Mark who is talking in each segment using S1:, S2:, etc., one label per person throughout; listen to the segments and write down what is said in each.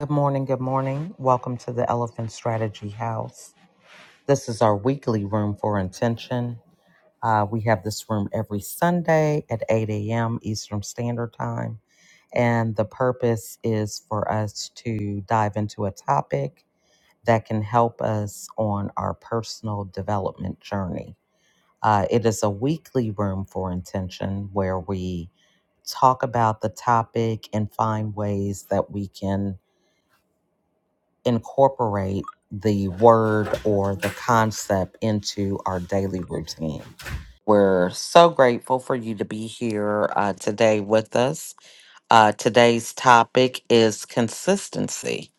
S1: Good morning. Good morning. Welcome to the Elephant Strategy House. This is our weekly room for intention. Uh, we have this room every Sunday at 8 a.m. Eastern Standard Time. And the purpose is for us to dive into a topic that can help us on our personal development journey. Uh, it is a weekly room for intention where we talk about the topic and find ways that we can incorporate the word or the concept into our daily routine. We're so grateful for you to be here uh, today with us. Uh, today's topic is consistency.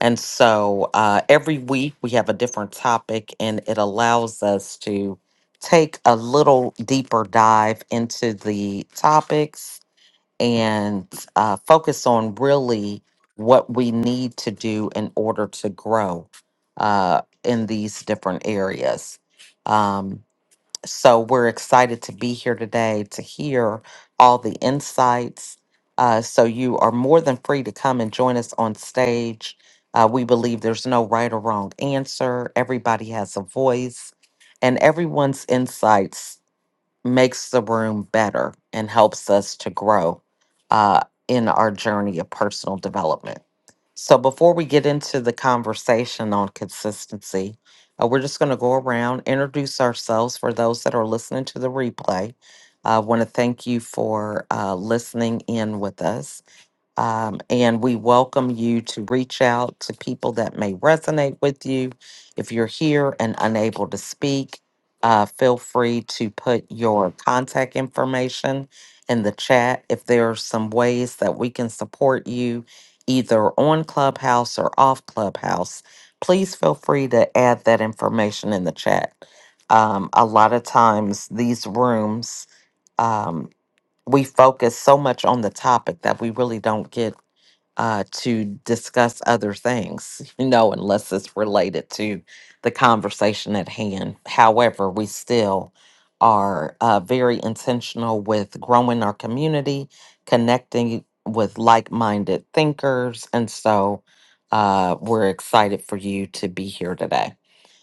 S1: And so uh, every week we have a different topic, and it allows us to take a little deeper dive into the topics and uh, focus on really what we need to do in order to grow uh, in these different areas. Um, so we're excited to be here today to hear all the insights. Uh, so you are more than free to come and join us on stage. Uh, we believe there's no right or wrong answer. Everybody has a voice, and everyone's insights makes the room better and helps us to grow uh, in our journey of personal development. So, before we get into the conversation on consistency, uh, we're just going to go around, introduce ourselves for those that are listening to the replay. I want to thank you for uh, listening in with us. Um, and we welcome you to reach out to people that may resonate with you. If you're here and unable to speak, uh, feel free to put your contact information in the chat. If there are some ways that we can support you, either on Clubhouse or off Clubhouse, please feel free to add that information in the chat. Um, a lot of times, these rooms um, we focus so much on the topic that we really don't get uh, to discuss other things, you know, unless it's related to the conversation at hand. However, we still are uh, very intentional with growing our community, connecting with like minded thinkers. And so uh, we're excited for you to be here today.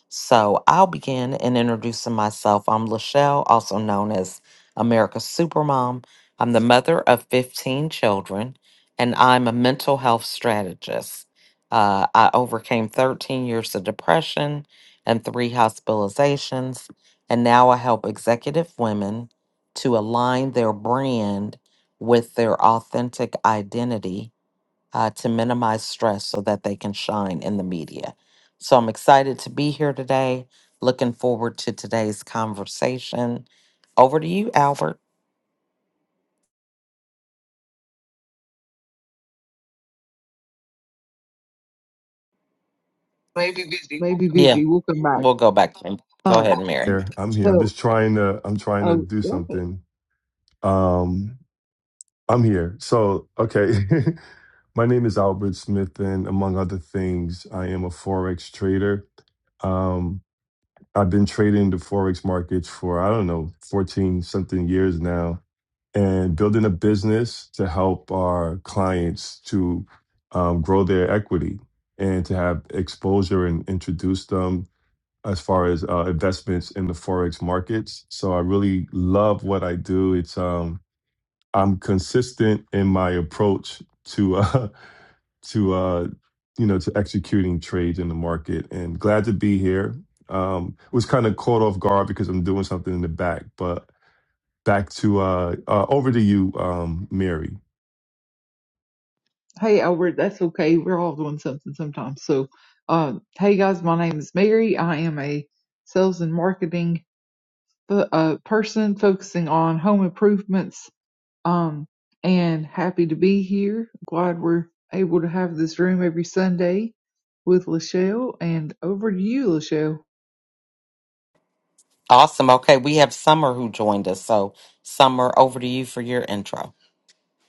S1: So I'll begin in introducing myself. I'm Lachelle, also known as America's Supermom. I'm the mother of 15 children, and I'm a mental health strategist. Uh, I overcame 13 years of depression and three hospitalizations, and now I help executive women to align their brand with their authentic identity uh, to minimize stress so that they can shine in the media. So I'm excited to be here today. Looking forward to today's conversation. Over to you, Albert.
S2: Maybe
S1: Yeah,
S2: busy. We'll come back.
S1: we'll go back to him. Go
S2: Um,
S1: ahead, Mary.
S3: here. I'm here. I'm
S2: so,
S3: just trying to I'm trying to
S2: oh,
S3: do
S2: got
S3: something. Um I'm here. So, okay. My name is Albert Smith and among other things, I am a forex trader. Um I've been trading the forex markets for I don't know, 14 something years now and building a business to help our clients to um, grow their equity and to have exposure and introduce them as far as uh, investments in the forex markets. So I really love what I do. It's um, I'm consistent in my approach to uh, to uh, you know to executing trades in the market, and glad to be here. Um, was kind of caught off guard because I'm doing something in the back, but back to uh, uh, over to you, um, Mary.
S2: hey, Albert, that's okay. We're all doing something sometimes. So, um, hey guys, my name is Mary. I am a sales and marketing fo- uh, person focusing on home improvements. Um, and happy to be here. Glad we're able to have this room every Sunday with Lachelle. And over to you, Lachelle.
S1: Awesome. Okay, we have Summer who joined us. So, Summer, over to you for your intro.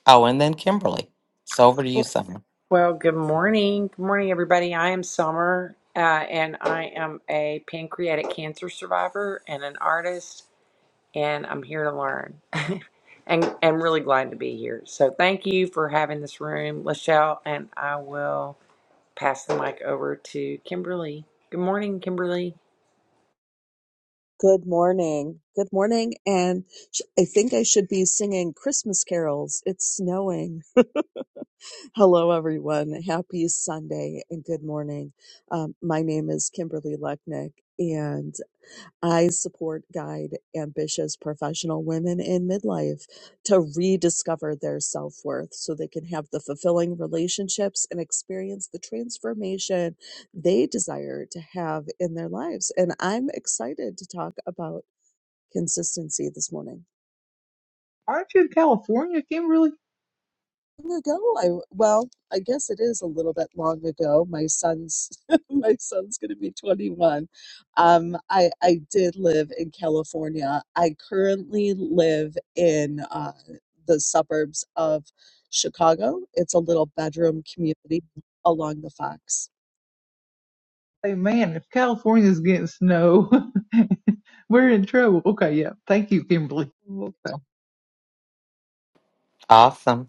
S1: Oh, and then Kimberly. So, over to you, Summer.
S4: Well, good morning. Good morning, everybody. I am Summer, uh, and I am a pancreatic cancer survivor and an artist, and I'm here to learn. and I'm really glad to be here. So, thank you for having this room, Lachelle, and I will pass the mic over to Kimberly. Good morning, Kimberly.
S5: Good morning. Good morning. And sh- I think I should be singing Christmas carols. It's snowing. Hello, everyone. Happy Sunday and good morning. Um, my name is Kimberly Lechnick, and I support, guide ambitious professional women in midlife to rediscover their self worth so they can have the fulfilling relationships and experience the transformation they desire to have in their lives. And I'm excited to talk about consistency this morning.
S2: Aren't you in California, Kimberly?
S5: Long ago, I well, I guess it is a little bit long ago. My son's my son's going to be 21. Um, I I did live in California. I currently live in uh, the suburbs of Chicago. It's a little bedroom community along the Fox.
S2: Hey man, if California's getting snow, we're in trouble. Okay, yeah. Thank you, Kimberly. Okay.
S1: Awesome.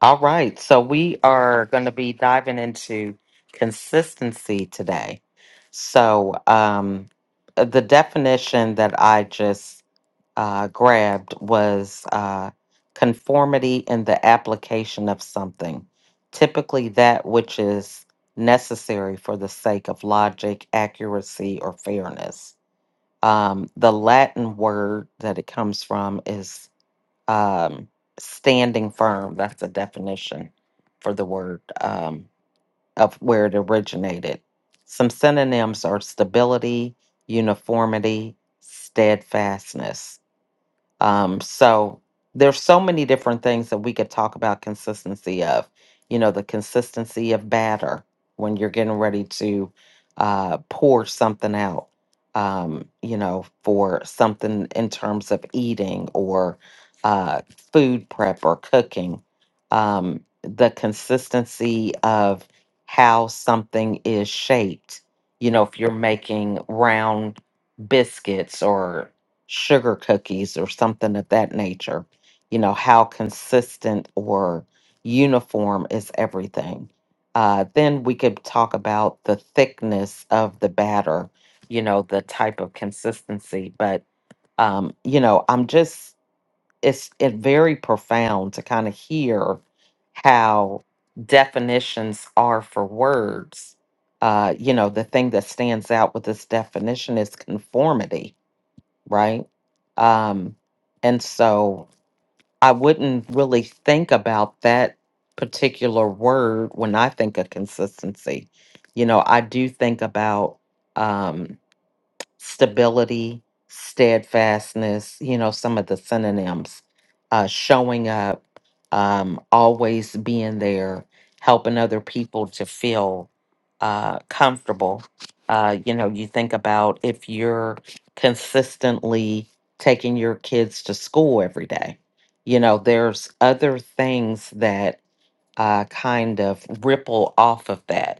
S1: All right, so we are going to be diving into consistency today. So, um, the definition that I just uh, grabbed was uh, conformity in the application of something, typically that which is necessary for the sake of logic, accuracy, or fairness. Um, the Latin word that it comes from is um, standing firm. That's a definition for the word um, of where it originated. Some synonyms are stability, uniformity, steadfastness. Um, so there's so many different things that we could talk about consistency of. You know, the consistency of batter when you're getting ready to uh, pour something out. Um, you know, for something in terms of eating or uh, food prep or cooking, um, the consistency of how something is shaped. You know, if you're making round biscuits or sugar cookies or something of that nature. You know, how consistent or uniform is everything. Uh, then we could talk about the thickness of the batter, you know, the type of consistency. But, um, you know, I'm just, it's it very profound to kind of hear how definitions are for words. Uh, you know, the thing that stands out with this definition is conformity right? Um, and so I wouldn't really think about that particular word when I think of consistency. You know, I do think about, um, stability, steadfastness, you know, some of the synonyms, uh, showing up, um, always being there, helping other people to feel uh, comfortable. Uh, you know, you think about if you're consistently taking your kids to school every day, you know, there's other things that uh, kind of ripple off of that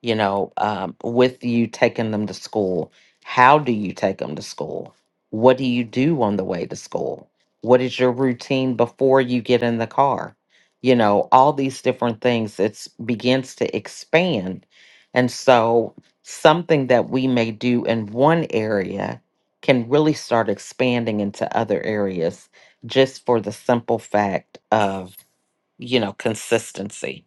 S1: you know, um, with you taking them to school. How do you take them to school? What do you do on the way to school? What is your routine before you get in the car? You know, all these different things. It begins to expand. And so, something that we may do in one area can really start expanding into other areas just for the simple fact of you know, consistency.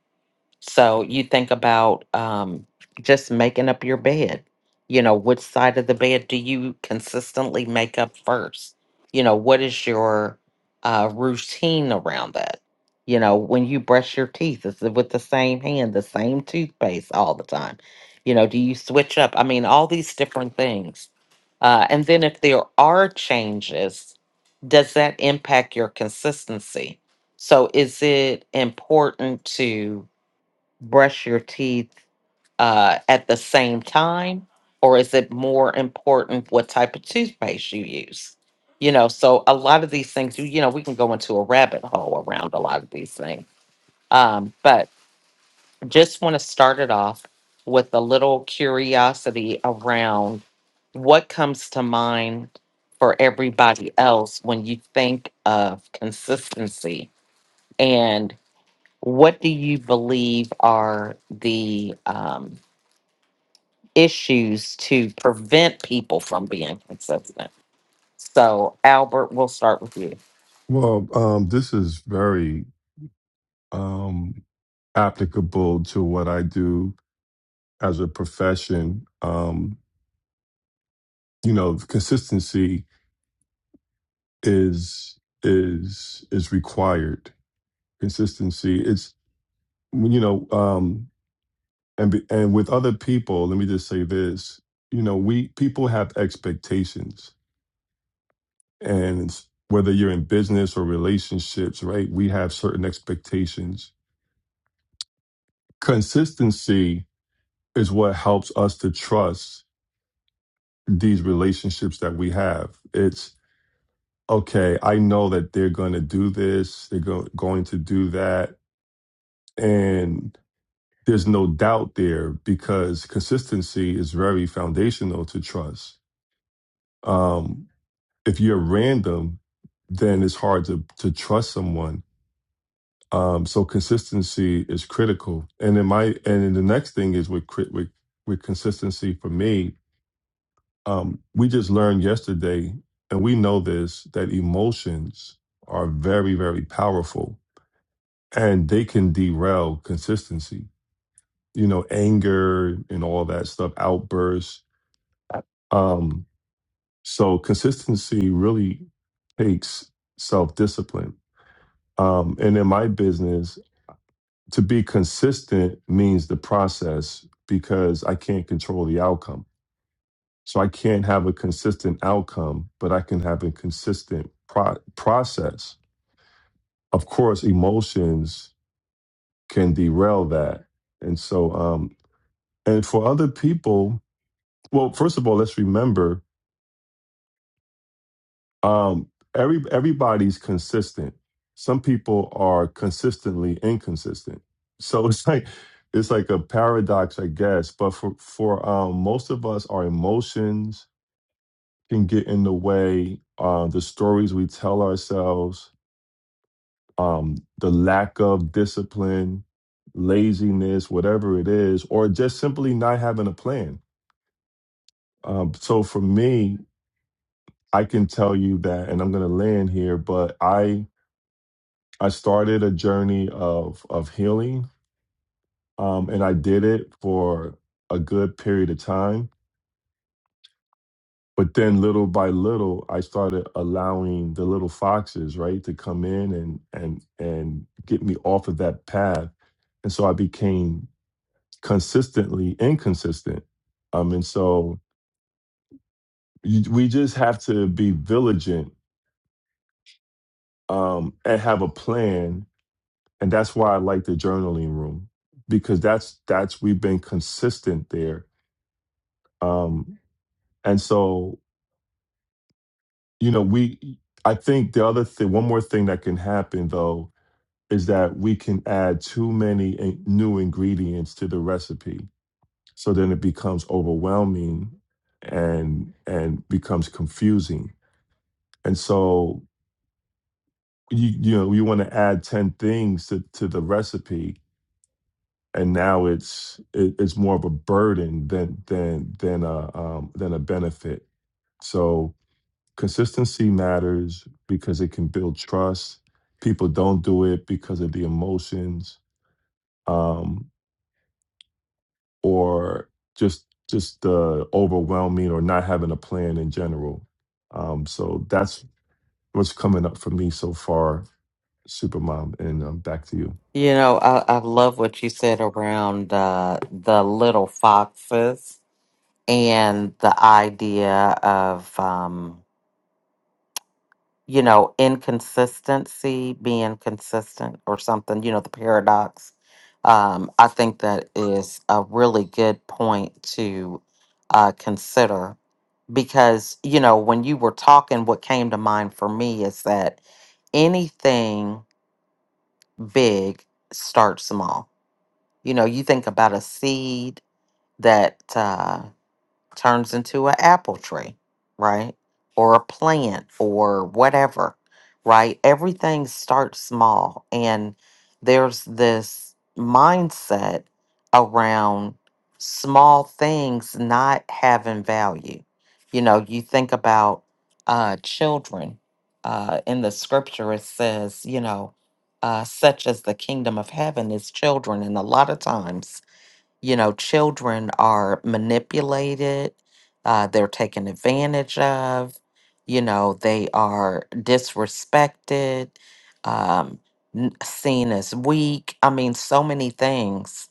S1: So you think about um, just making up your bed. You know, which side of the bed do you consistently make up first? You know, what is your uh, routine around that? You know, when you brush your teeth, is it with the same hand, the same toothpaste all the time? You know, do you switch up? I mean, all these different things. Uh, and then if there are changes, does that impact your consistency? So is it important to brush your teeth uh, at the same time? Or is it more important what type of toothpaste you use? You know, so a lot of these things, you you know, we can go into a rabbit hole around a lot of these things. Um, but just want to start it off with a little curiosity around what comes to mind for everybody else when you think of consistency and what do you believe are the um, issues to prevent people from being consistent. So, Albert, we'll start with you.
S3: Well, um, this is very um, applicable to what I do as a profession. Um, you know consistency is is is required consistency it's you know um and be- and with other people let me just say this you know we people have expectations and it's- whether you're in business or relationships right we have certain expectations consistency is what helps us to trust these relationships that we have it's okay i know that they're going to do this they're go- going to do that And there's no doubt there because consistency is very foundational to trust. Um, if you're random, then it's hard to to trust someone. Um, so consistency is critical. And in my and then the next thing is with cri- with with consistency for me, um, we just learned yesterday, and we know this that emotions are very very powerful, and they can derail consistency you know, anger and all that stuff, outbursts. Um, so consistency really takes self discipline. Um, and in my business, to be consistent means the process because I can't control the outcome. So I can't have a consistent outcome, but I can have a consistent pro- process. Of course, emotions can derail that. And so, um, and for other people, well, first of all, let's remember Um, every everybody's consistent. Some people are consistently inconsistent. So it's like it's like a paradox, I guess. But for for um, most of us, our emotions can get in the way. Uh, the stories we tell ourselves, um, the lack of discipline, laziness, whatever it is, or just simply not having a plan. Um, so for me, I can tell you that, and I'm going to land here, but I I started a journey of of healing, um, and I did it for a good period of time. But then, little by little, I started allowing the little foxes, right, to come in and and and get me off of that path, and so I became consistently inconsistent. Um, and so you, we just have to be vigilant um, and have a plan, and that's why I like the journaling room because that's that's we've been consistent there Um, and so, you know, we, I think the other thing, one more thing that can happen though, is that we can add too many in- new ingredients to the recipe. So then it becomes overwhelming and, and becomes confusing. And so, you, you know, you want to add 10 things to, to the recipe. And now it's it, it's more of a burden than than than a um, than a benefit. So consistency matters because it can build trust. People don't do it because of the emotions um, or just just the overwhelming or not having a plan in general. Um, so that's what's coming up for me so far, Supermom. And um, back to you.
S1: You know, I, I love what you said around uh, the little foxes and the idea of, um, you know, inconsistency being consistent or something, you know, the paradox. Um, I think that is a really good point to uh, consider because you know when you were talking what came to mind for me is that anything big starts small you know you think about a seed that uh, turns into an apple tree, right? Or a plant or whatever, right? Everything starts small. And there's this mindset around small things not having value. You know, you think about uh, children. Uh, in the scripture, it says, you know, uh, such as the kingdom of heaven is children. And a lot of times, you know, children are manipulated, uh, they're taken advantage of, you know, they are disrespected, um, n- seen as weak. I mean, so many things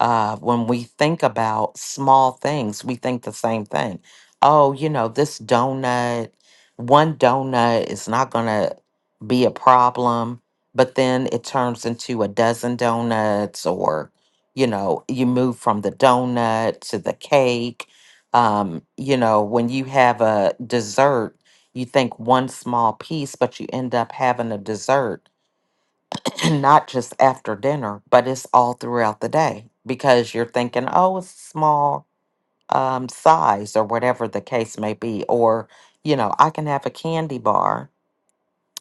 S1: uh, when we think about small things, we think the same thing. Oh, you know, this donut, one donut is not going to be a problem, but then it turns into a dozen donuts, or, you know, you move from the donut to the cake. Um, you know, when you have a dessert, you think one small piece, but you end up having a dessert and not just after dinner, but it's all throughout the day because you're thinking, oh, it's a small um, size or whatever the case may be. Or, you know, I can have a candy bar.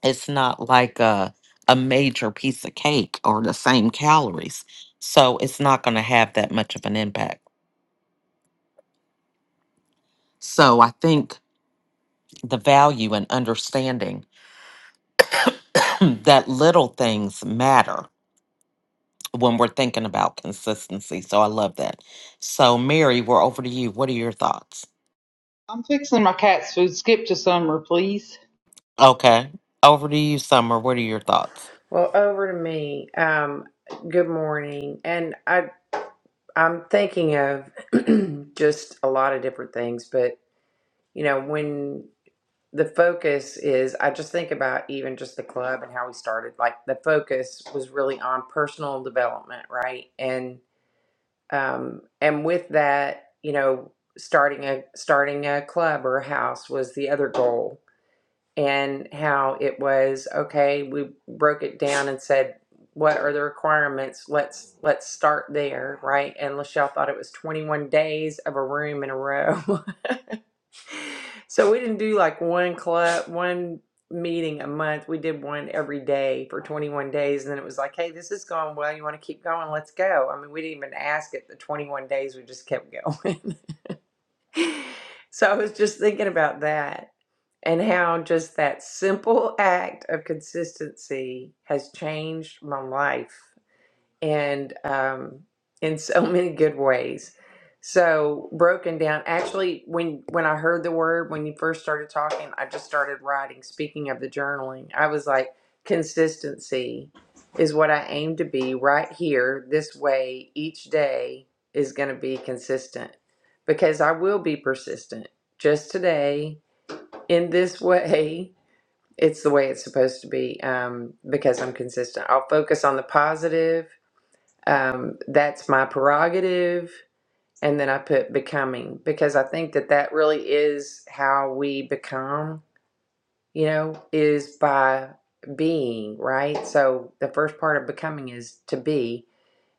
S1: It's not like a, a major piece of cake or the same calories. So it's not going to have that much of an impact. So I think the value and understanding that little things matter when we're thinking about consistency. So I love that. So, Mary, we're over to you. What are your thoughts?
S2: I'm fixing my cat's food. Skip to summer, please.
S1: Okay. Over to you, Summer. What are your thoughts?
S4: Well, over to me. Um, good morning, and I I'm thinking of just a lot of different things, but you know when the focus is I just think about even just the club and how we started. Like the focus was really on personal development, right? And um and with that, you know, starting a starting a club or a house was the other goal. And how it was okay, we broke it down and said what are the requirements? Let's let's start there, right? And Lachelle thought it was 21 days of a room in a row. So we didn't do like one club, one meeting a month. We did one every day for 21 days. And then it was like, hey, this is going well. You want to keep going? Let's go. I mean, we didn't even ask it. The 21 days, we just kept going. so I was just thinking about that and how just that simple act of consistency has changed my life and um, in so many good ways. So broken down. Actually, when when I heard the word when you first started talking, I just started writing. Speaking of the journaling, I was like, consistency is what I aim to be right here. This way, each day is going to be consistent because I will be persistent. Just today, in this way, it's the way it's supposed to be um, because I'm consistent. I'll focus on the positive um, that's my prerogative and then i put becoming because i think that that really is how we become you know is by being right so the first part of becoming is to be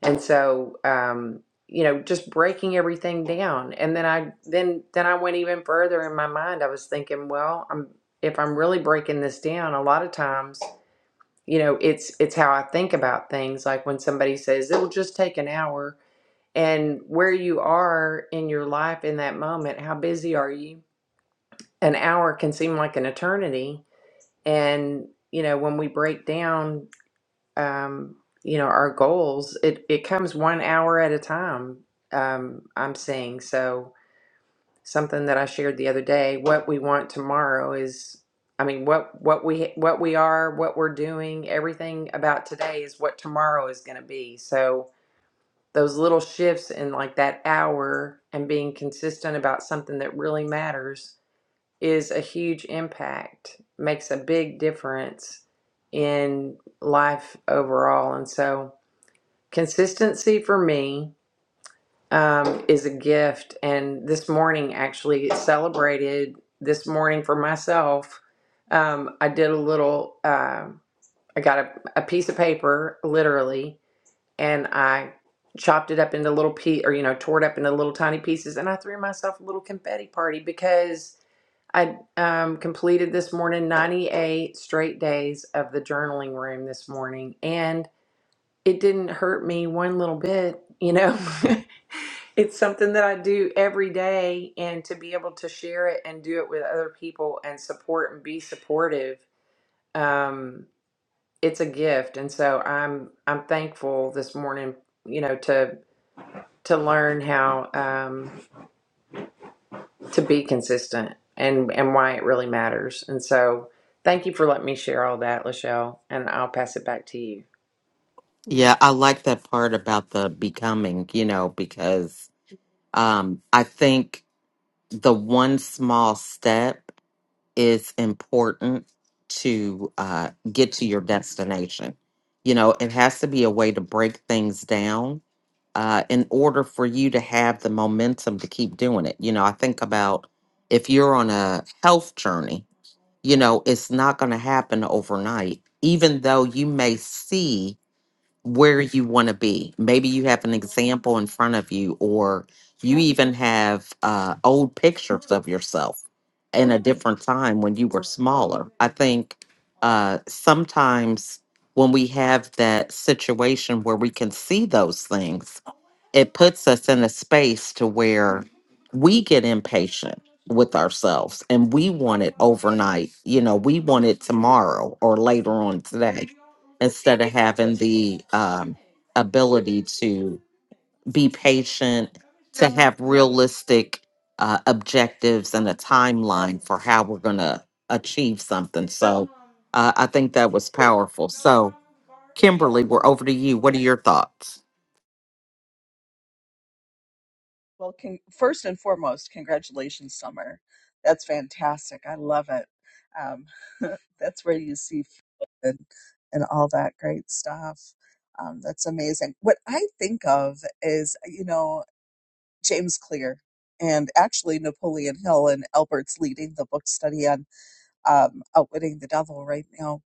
S4: and so um you know just breaking everything down and then i then then i went even further in my mind i was thinking well i'm if i'm really breaking this down a lot of times you know it's it's how i think about things like when somebody says it'll just take an hour and where you are in your life in that moment. How busy are you? An hour can seem like an eternity. And, you know, when we break down, um, you know, our goals, it, it comes one hour at a time, um, I'm seeing. So, something that I shared the other day, what we want tomorrow is. I mean, what what we what we are, what we're doing, everything about today is what tomorrow is going to be. So, those little shifts in like that hour and being consistent about something that really matters is a huge impact makes a big difference in life overall and so consistency for me um, is a gift and this morning actually celebrated this morning for myself um, i did a little uh, i got a, a piece of paper literally and I chopped it up into little piece or you know tore it up into little tiny pieces and I threw myself a little confetti party because I um, completed this morning 98 straight days of the journaling room this morning and it didn't hurt me one little bit you know it's something that I do every day and to be able to share it and do it with other people and support and be supportive um it's a gift and so I'm I'm thankful this morning you know to to learn how um, to be consistent and and why it really matters. And so, thank you for letting me share all that, Lachelle. And I'll pass it back to you.
S1: Yeah, I like that part about the becoming, you know, because um, I think the one small step is important to uh, get to your destination. You know, it has to be a way to break things down uh, in order for you to have the momentum to keep doing it. You know, I think about if you're on a health journey, you know, it's not going to happen overnight, even though you may see where you want to be. Maybe you have an example in front of you, or you even have uh, old pictures of yourself in a different time when you were smaller. I think uh, sometimes when we have that situation where we can see those things, it puts us in a space to where we get impatient with ourselves and we want it overnight. You know, we want it tomorrow or later on today instead of having the um, ability to be patient, to have realistic uh, objectives and a timeline for how we're going to achieve something. So uh, I think that was powerful. So, Kimberly, we're over to you. What are your thoughts?
S5: Well, con- first and foremost, congratulations, Summer. That's fantastic. I love it. Um, that's where you see fruit and, and all that great stuff. Um, that's amazing. What I think of is, you know, James Clear and actually Napoleon Hill, and Albert's leading the book study on um, Outwitting the Devil right now.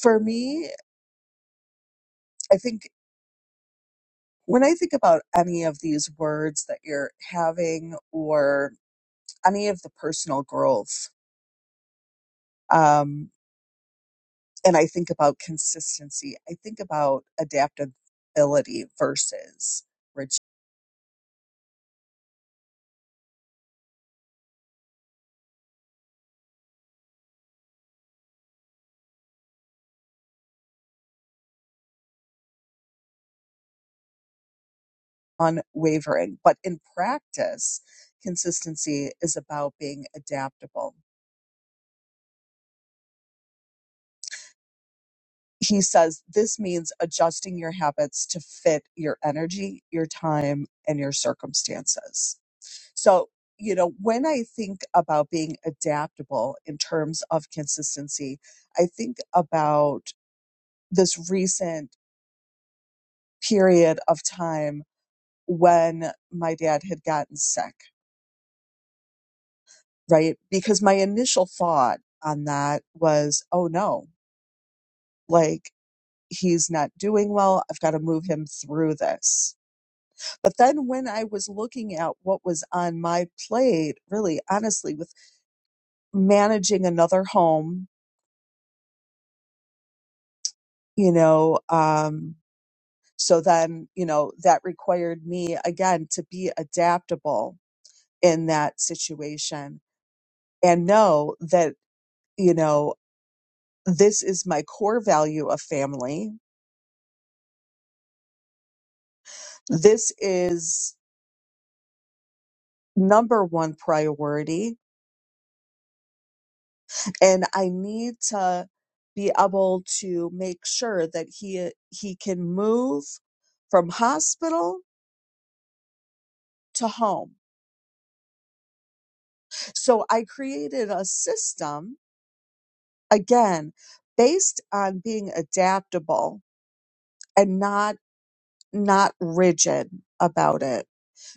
S5: For me, I think when I think about any of these words that you're having or any of the personal growth, Um, and I think about consistency. I think about adaptability versus rigid, unwavering. But in practice, consistency is about being adaptable. He says this means adjusting your habits to fit your energy, your time, and your circumstances. So, you know, when I think about being adaptable in terms of consistency, I think about this recent period of time when my dad had gotten sick, right? Because my initial thought on that was, oh no, like he's not doing well. I've got to move him through this. But then when I was looking at what was on my plate, really honestly, with managing another home, you know, um, so then, you know, that required me again to be adaptable in that situation and know that you know, this is my core value of family. This is number one priority. And I need to be able to make sure that he, he can move from hospital to home. So I created a system again based on being adaptable and not, not rigid about it.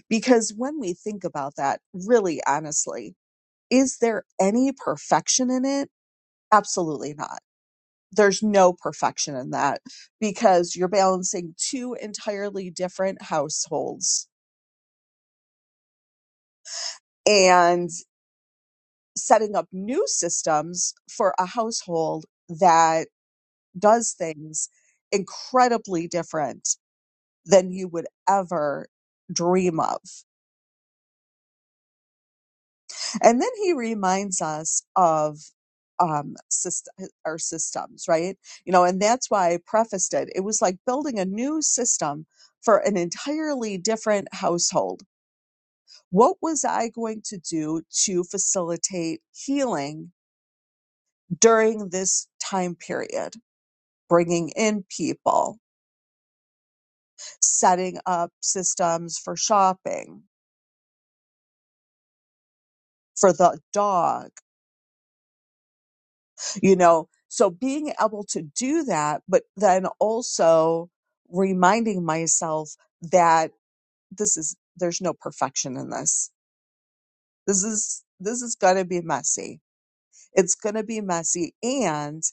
S5: Because when we think about that, really honestly, Is there any perfection in it? Absolutely not. There's no perfection in that because you're balancing two entirely different households and setting up new systems for a household that does things incredibly different than you would ever dream of. And then he reminds us of um, syst- our systems, right? You know, and that's why I prefaced it. It was like building a new system for an entirely different household. What was I going to do to facilitate healing during this time period? Bringing in people, setting up systems for shopping, for the dog. you know so being able to do that but then also reminding myself that this is there's no perfection in this this is this is going to be messy it's going to be messy and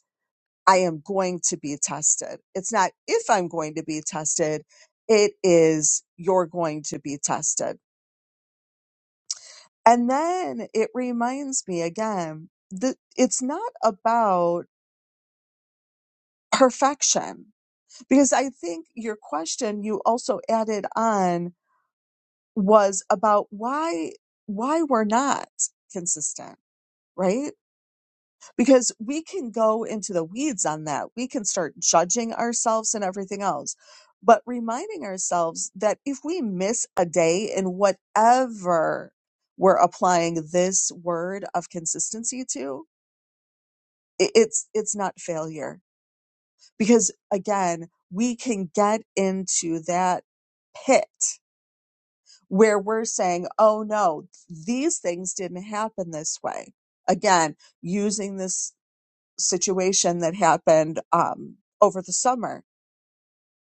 S5: i am going to be tested it's not if i'm going to be tested it is you're going to be tested and then it reminds me again that it's not about perfection Because I think your question you also added on was about why why we're not consistent, right? Because we can go into the weeds on that. We can start judging ourselves and everything else. But reminding ourselves that if we miss a day in whatever we're applying this word of consistency to, i- it's it's not failure. Because again, we can get into that pit where we're saying, oh no, these things didn't happen this way. Again, using this situation that happened um, over the summer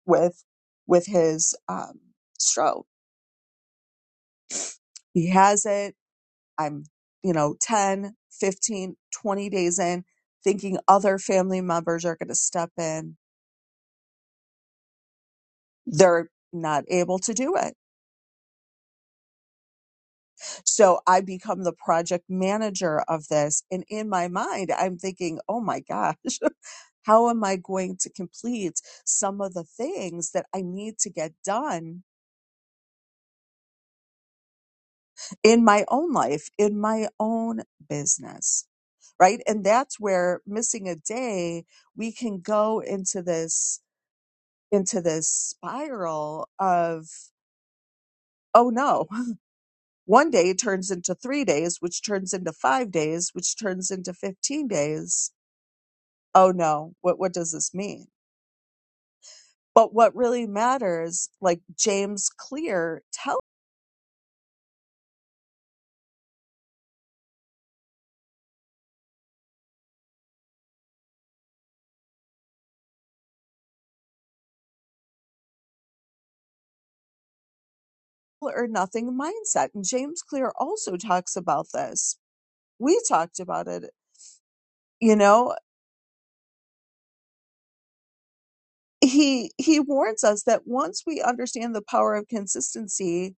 S5: with with his um, stroke. He has it. I'm, you know, 10, 15, 20 days in, thinking other family members are going to step in. They're not able to do it So I become the project manager of this. And in my mind, I'm thinking, oh my gosh, how am I going to complete some of the things that I need to get done in my own life, in my own business? Right. And that's where missing a day, we can go into this, into this spiral of, oh no, one day turns into three days, which turns into five days, which turns into 15 days oh no, what what does this mean? But what really matters, like James Clear, tell or nothing mindset. And James Clear also talks about this. We talked about it, you know. He he warns us that once we understand the power of consistency,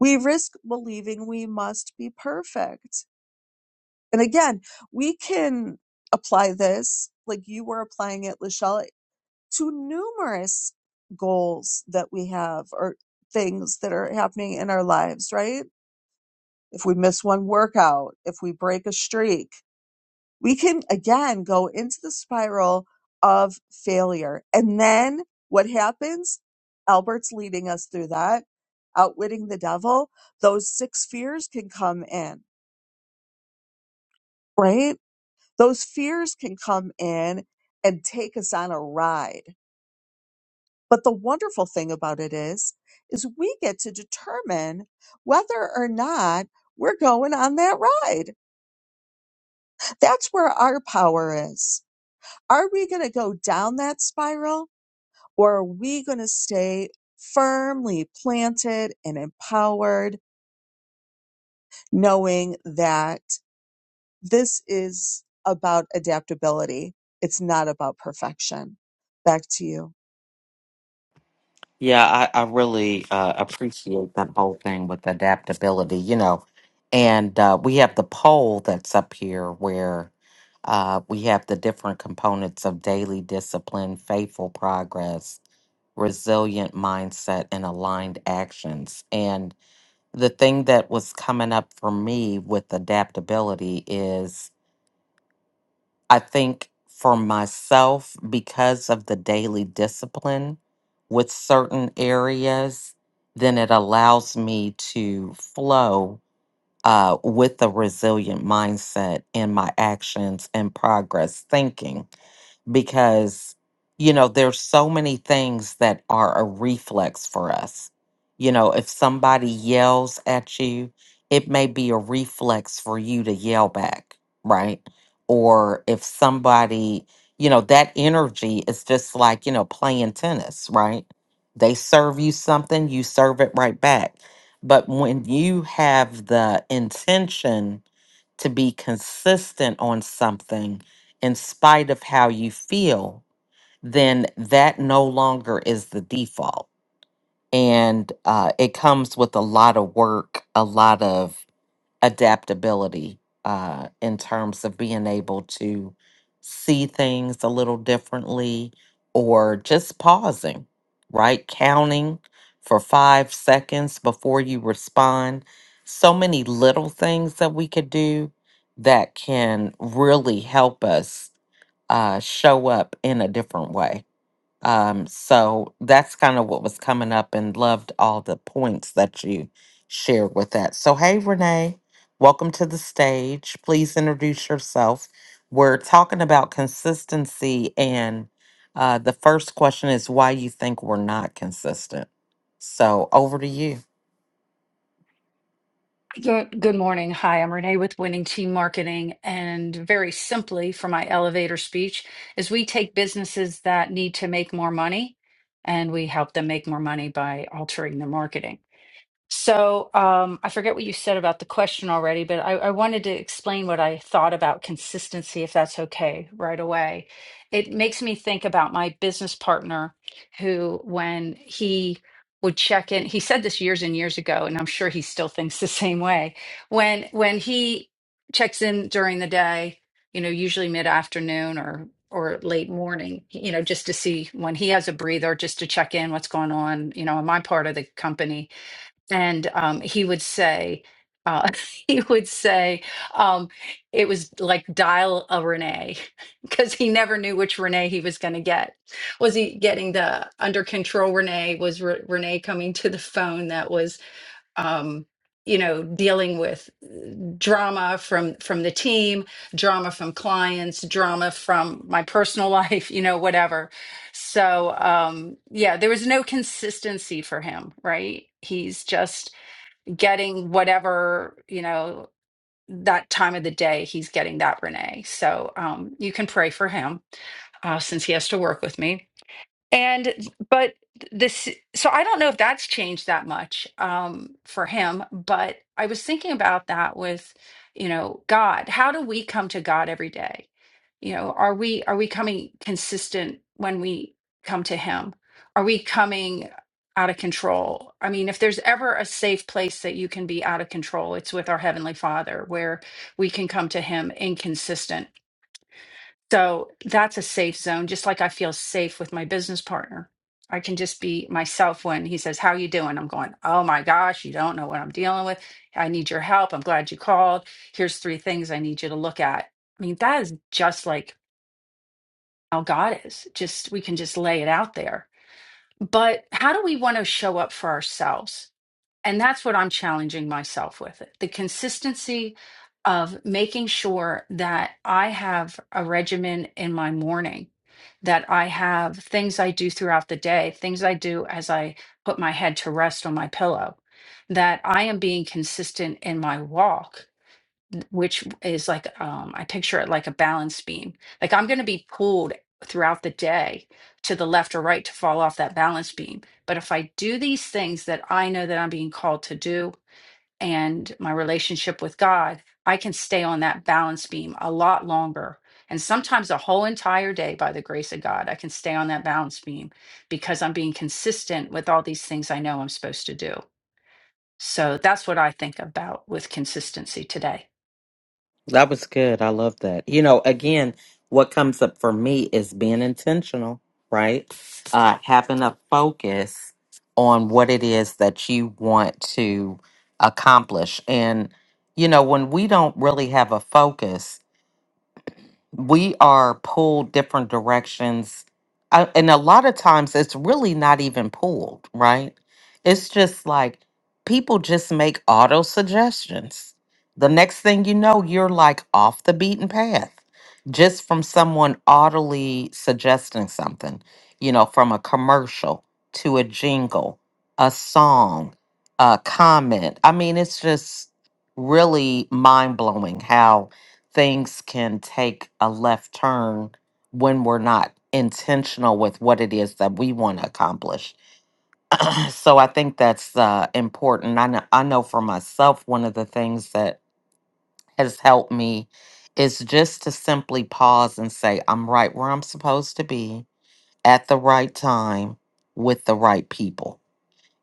S5: we risk believing we must be perfect. And again, we can apply this like you were applying it, Lachelle, to numerous goals that we have or things that are happening in our lives, right? If we miss one workout, if we break a streak, we can again go into the spiral of failure. And then what happens? Albert's leading us through that, outwitting the devil. Those six fears can come in, right? Those fears can come in and take us on a ride But the wonderful thing about it is, is we get to determine whether or not we're going on that ride. That's where our power is. Are we going to go down that spiral or are we going to stay firmly planted and empowered, knowing that this is about adaptability? It's not about perfection. Back to you.
S1: Yeah, I, I really uh, appreciate that whole thing with adaptability, you know. And uh, we have the poll that's up here where uh, we have the different components of daily discipline, faithful progress, resilient mindset, and aligned actions. And the thing that was coming up for me with adaptability is. I think for myself, because of the daily discipline with certain areas, then it allows me to flow uh, with a resilient mindset in my actions and progress thinking because you know there's so many things that are a reflex for us you know if somebody yells at you it may be a reflex for you to yell back right or if somebody you know that energy is just like you know playing tennis right they serve you something you serve it right back but when you have the intention to be consistent on something in spite of how you feel, then that no longer is the default. And uh, it comes with a lot of work, a lot of adaptability uh, in terms of being able to see things a little differently or just pausing, right? Counting for five seconds before you respond. So many little things that we could do that can really help us uh, show up in a different way. Um, so that's kind of what was coming up and loved all the points that you shared with that. So, hey, Renee, welcome to the stage. Please introduce yourself. We're talking about consistency, and uh, the first question is why you think we're not consistent. So, over to you.
S6: Good, good morning. Hi, I'm Renee with Winning Team Marketing. And very simply, for my elevator speech, is we take businesses that need to make more money and we help them make more money by altering their marketing. So um, I forget what you said about the question already, but I, I wanted to explain what I thought about consistency, if that's okay, right away. It makes me think about my business partner who, when he would check in, he said this years and years ago, and I'm sure he still thinks the same way. When when he checks in during the day, you know, usually mid-afternoon or or late morning, you know, just to see when he has a breather, just to check in what's going on, you know, in my part of the company and um, he would say uh, he would say um, it was like dial a renee because he never knew which renee he was going to get was he getting the under control renee was Re- renee coming to the phone that was um, you know dealing with uh, drama from from the team drama from clients drama from my personal life you know whatever so um yeah there was no consistency for him right he's just getting whatever you know that time of the day he's getting that renee so um, you can pray for him uh, since he has to work with me and but this, so I don't know if that's changed that much um, for him, but I was thinking about that with, you know, God. How do we come to God every day? You know, are we are we coming consistent when we come to him? Are we coming out of control? I mean, if there's ever a safe place that you can be out of control, it's with our heavenly Father where we can come to him inconsistent so that's a safe zone, just like I feel safe with my business partner. I can just be myself when he says, How you doing? I'm going, Oh my gosh, you don't know what I'm dealing with. I need your help. I'm glad you called. Here's three things I need you to look at. I mean, that is just like how God is. Just we can just lay it out there. But how do we want to show up for ourselves? and that's what I'm challenging myself with the consistency of making sure that I have a regimen in my morning, that I have things I do throughout the day, things I do as I put my head to rest on my pillow, that I am being consistent in my walk which is like um I picture it like a balance beam. Like I'm going to be pulled throughout the day to the left or right to fall off that balance beam. But if I do these things that I know that I'm being called to do and my relationship with God, I can stay on that balance beam a lot longer. And sometimes a whole entire day by the grace of God, I can stay on that balance beam because I'm being consistent with all these things I know I'm supposed to do. So that's what I think about with consistency today.
S1: That was good. I love that. You know, again, what comes up for me is being intentional, right? Uh, having a focus on what it is that you want to accomplish. And, you know, when we don't really have a focus, we are pulled different directions. I, and a lot of times it's really not even pulled, right? It's just like people just make auto suggestions. The next thing you know, you're like off the beaten path just from someone audibly suggesting something, you know, from a commercial to a jingle, a song, a comment. I mean, it's just really mind blowing how things can take a left turn when we're not intentional with what it is that we want to accomplish. So I think that's uh, important. I know, I know for myself, one of the things that has helped me is just to simply pause and say, I'm right where I'm supposed to be at the right time with the right people.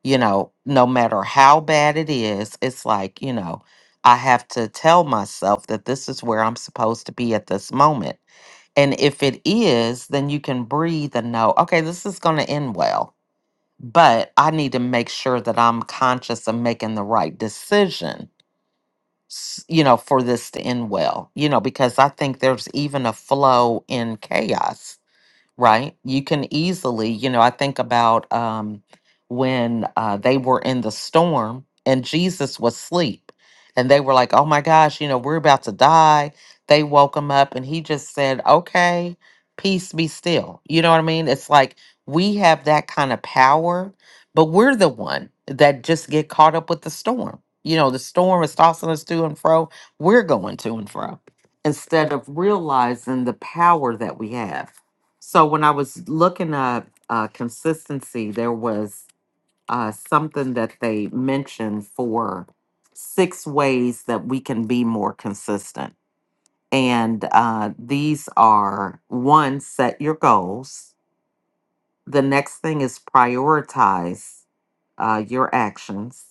S1: You know, no matter how bad it is, it's like, you know, I have to tell myself that this is where I'm supposed to be at this moment and if it is, then you can breathe and know, okay, this is going to end well. But I need to make sure that I'm conscious of making the right decision, s- you know, for this to end well, you know, because I think there's even a flow in chaos right? You can easily, you know, I think about um, when uh, they were in the storm and Jesus was asleep, and they were like, oh my gosh, you know, we're about to die. They woke him up, and he just said, okay, peace be still. You know what I mean? It's like we have that kind of power, but we're the one that just get caught up with the storm. You know, the storm is tossing us to and fro. We're going to and fro instead of realizing the power that we have so when I was looking at uh, consistency, there was uh, something that they mentioned for six ways that we can be more consistent. And uh, these are one, set your goals. The next thing is prioritize uh, your actions.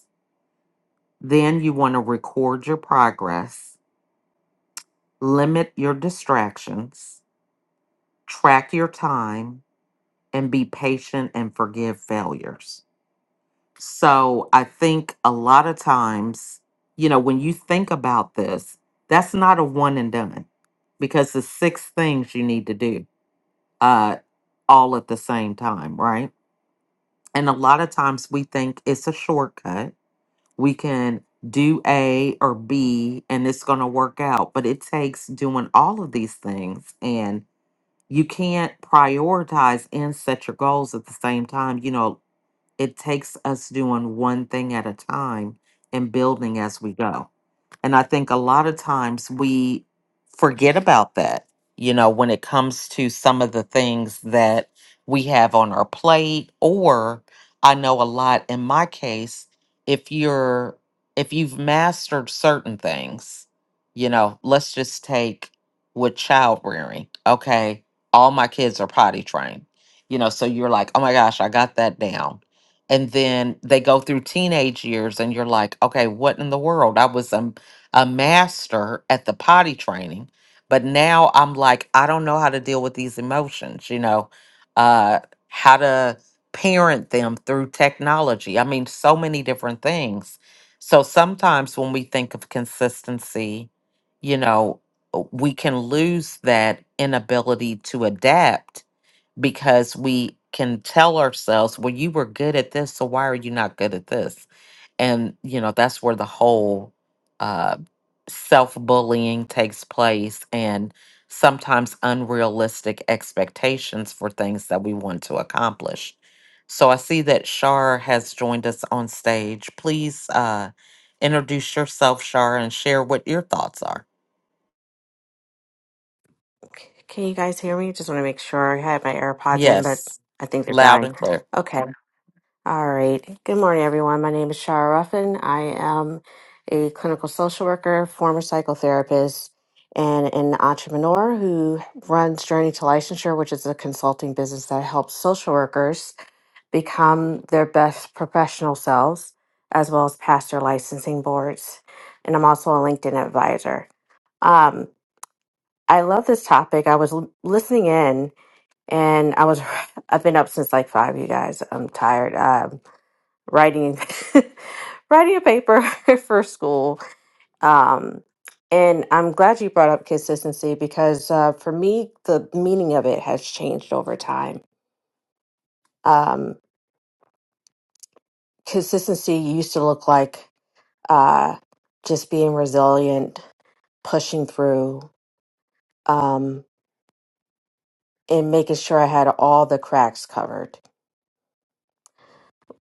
S1: Then you want to record your progress, limit your distractions, track your time, and be patient and forgive failures. So I think a lot of times, you know, when you think about this, that's not a one and done because the six things you need to do uh, all at the same time, right? And a lot of times we think it's a shortcut. We can do A or B and it's going to work out, but it takes doing all of these things and you can't prioritize and set your goals at the same time. You know, it takes us doing one thing at a time and building as we go. And I think a lot of times we forget about that, you know, when it comes to some of the things that we have on our plate or I know a lot in my case if you're if you've mastered certain things, you know, let's just take with child rearing. Okay, all my kids are potty trained. You know, so you're like, "Oh my gosh, I got that down." and then they go through teenage years and you're like okay what in the world i was a, a master at the potty training but now i'm like i don't know how to deal with these emotions you know uh how to parent them through technology i mean so many different things so sometimes when we think of consistency you know we can lose that inability to adapt because we can tell ourselves, well, you were good at this, so why are you not good at this? And, you know, that's where the whole uh, self bullying takes place and sometimes unrealistic expectations for things that we want to accomplish. So I see that Shar has joined us on stage. Please uh, introduce yourself, Shar, and share what your thoughts are.
S7: C- Can you guys hear me? Just want to make sure. I had my AirPods in, but
S1: Yes,
S7: I think they're
S1: loud
S7: dying.
S1: and clear.
S7: Okay. All right. Good morning, everyone. My name is Shara Ruffin. I am a clinical social worker, former psychotherapist, and an entrepreneur who runs Journey to Licensure, which is a consulting business that helps social workers become their best professional selves, as well as pass their licensing boards. And I'm also a LinkedIn advisor. Um, I love this topic. I was l- listening in and I was I've been up since like five. You guys, I'm tired. Um, writing writing a paper for school. Um, and I'm glad you brought up consistency because uh, for me, the meaning of it has changed over time. Um, consistency used to look like uh, just being resilient, pushing through, um, and making sure I had all the cracks covered.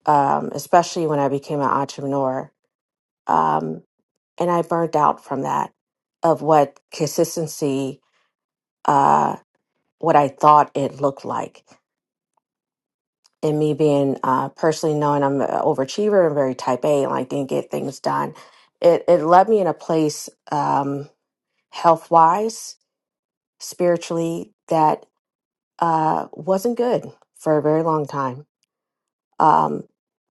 S7: Um, especially when I became an entrepreneur. Um, and I burned out from that of what consistency, uh, what I thought it looked like. And me being uh, personally knowing I'm an overachiever and very type A and like didn't get things done, it, it led me in a place um, health wise, spiritually, that uh, wasn't good for a very long time. Um,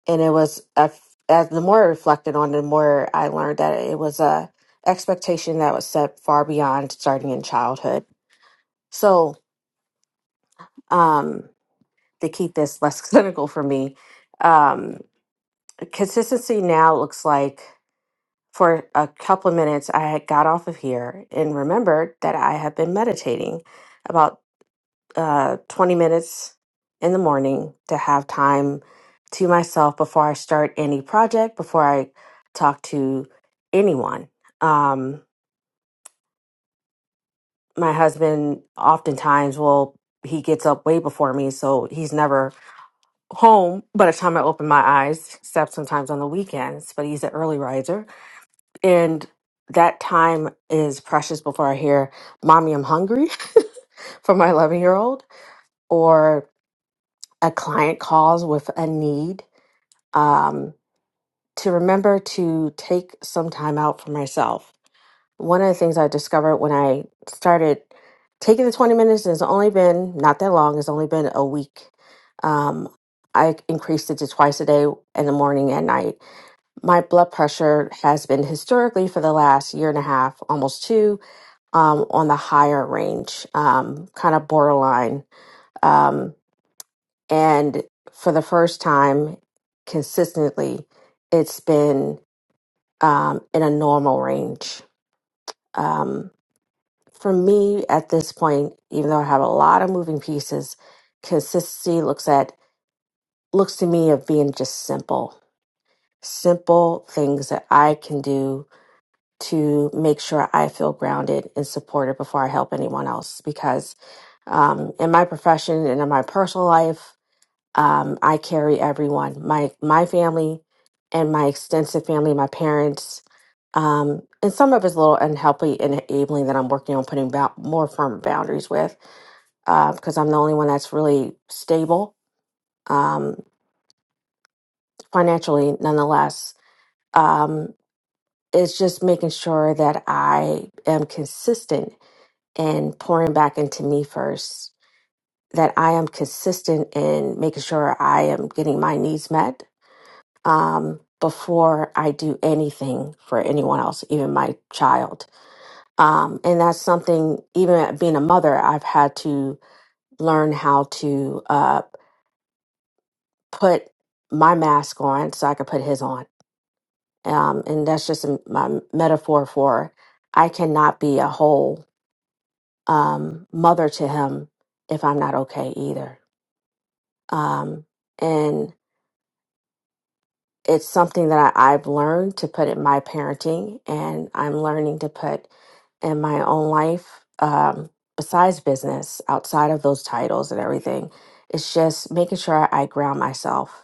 S7: and it was, a, as the more I reflected on it, the more I learned that it was a expectation that was set far beyond starting in childhood So, um, to keep this less clinical for me, um, consistency now looks like for a couple of minutes, I had got off of here and remembered that I have been meditating about uh, 20 minutes in the morning to have time to myself before I start any project, before I talk to anyone. Um, my husband oftentimes will, he gets up way before me, so he's never home by the time I open my eyes, except sometimes on the weekends, but he's an early riser. And that time is precious before I hear, Mommy, I'm hungry from my 11 year old, or a client calls with a need. Um, to remember to take some time out for myself one of the things I discovered when I started taking the 20 minutes, and it's only been not that long, it's only been a week. Um, I increased it to twice a day in the morning and night. My blood pressure has been historically for the last year and a half, almost two, um, on the higher range, um, kind of borderline. Um, and for the first time consistently, it's been um, in a normal range. Um, for me at this point, even though I have a lot of moving pieces, consistency looks at looks to me of being just simple. Simple things that I can do to make sure I feel grounded and supported before I help anyone else. Because um, in my profession and in my personal life, um, I carry everyone my my family and my extensive family, my parents, um, and some of it's a little unhealthy and enabling that I'm working on putting bou- more firm boundaries with because I'm the only one that's really stable um, financially, nonetheless. Um, it's just making sure that I am consistent in pouring back into me first, that I am consistent in making sure I am getting my needs met um, before I do anything for anyone else, even my child. Um, and that's something, even being a mother, I've had to learn how to. Uh, put my mask on so I could put his on. Um, and that's just a, my metaphor for I cannot be a whole um, mother to him if I'm not okay either. Um, and it's something that I, I've learned to put in my parenting, and I'm learning to put in my own life um, besides business, outside of those titles and everything. It's just making sure I ground myself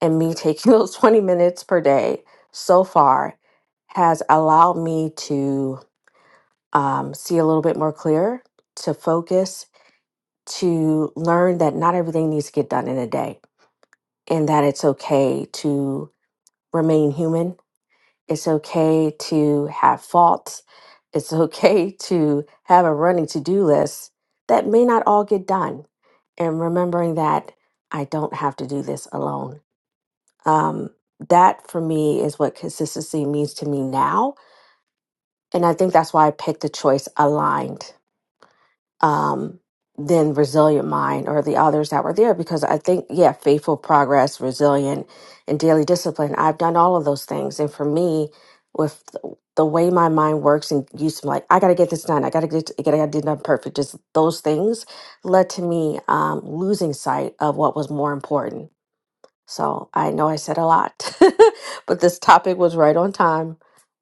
S7: and me taking those 20 minutes per day so far has allowed me to um, see a little bit more clear, to focus, to learn that not everything needs to get done in a day and that it's okay to remain human. It's okay to have faults. It's okay to have a running to do list that may not all get done. And remembering that I don't have to do this alone. um, that for me is what consistency means to me now. And I think that's why I picked the choice aligned um, than resilient mind or the others that were there because I think, yeah, faithful progress, resilient, and daily discipline. I've done all of those things. And for me, with the the way my mind works and used to like, I got to get this done. I got to get I got to get it done perfect. Just those things led to me um, losing sight of what was more important so I know I said a lot, but this topic was right on time.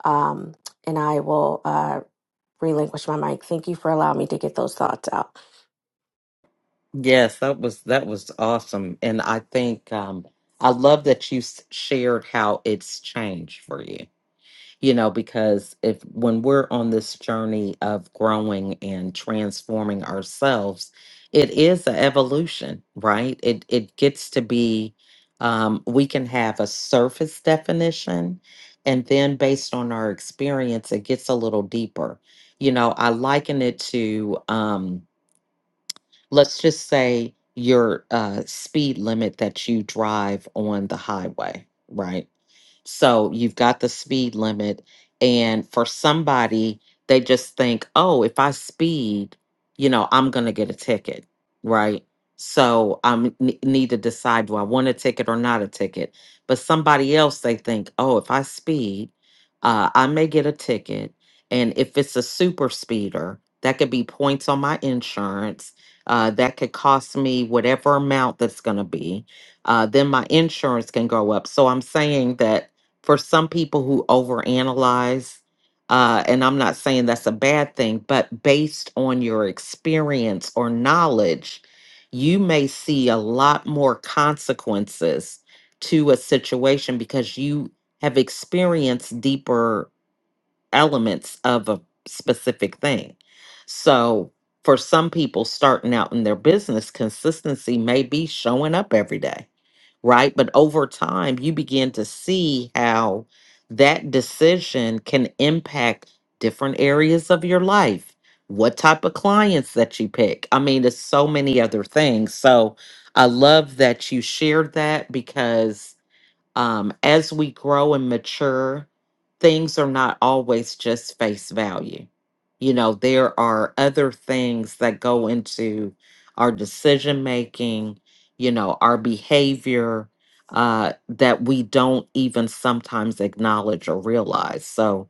S7: Um, and I will uh, relinquish my mic. Thank you for allowing me to get those thoughts out.
S1: Yes, that was that was awesome, and I think um, I love that you s- shared how it's changed for you. You know, because if when we're on this journey of growing and transforming ourselves, it is an evolution, right? It it gets to be um, we can have a surface definition, and then based on our experience, it gets a little deeper. You know, I liken it to. Um, let's just say your uh, speed limit that you drive on the highway, right? So you've got the speed limit, and for somebody, they just think, oh, if I speed, you know, I'm going to get a ticket, right? So I am need to decide do I want a ticket or not a ticket. But somebody else, they think, oh, if I speed, uh, I may get a ticket. And if it's a super speeder, that could be points on my insurance uh, that could cost me whatever amount that's going to be. Uh, then my insurance can go up. So I'm saying that for some people who overanalyze, uh, and I'm not saying that's a bad thing, but based on your experience or knowledge, you may see a lot more consequences to a situation because you have experienced deeper elements of a specific thing. So, for some people starting out in their business, consistency may be showing up every day, right? But over time, you begin to see how that decision can impact different areas of your life, what type of clients that you pick. I mean, there's so many other things. So, I love that you shared that because um, as we grow and mature, things are not always just face value. You know, there are other things that go into our decision making, you know, our behavior uh, that we don't even sometimes acknowledge or realize. So,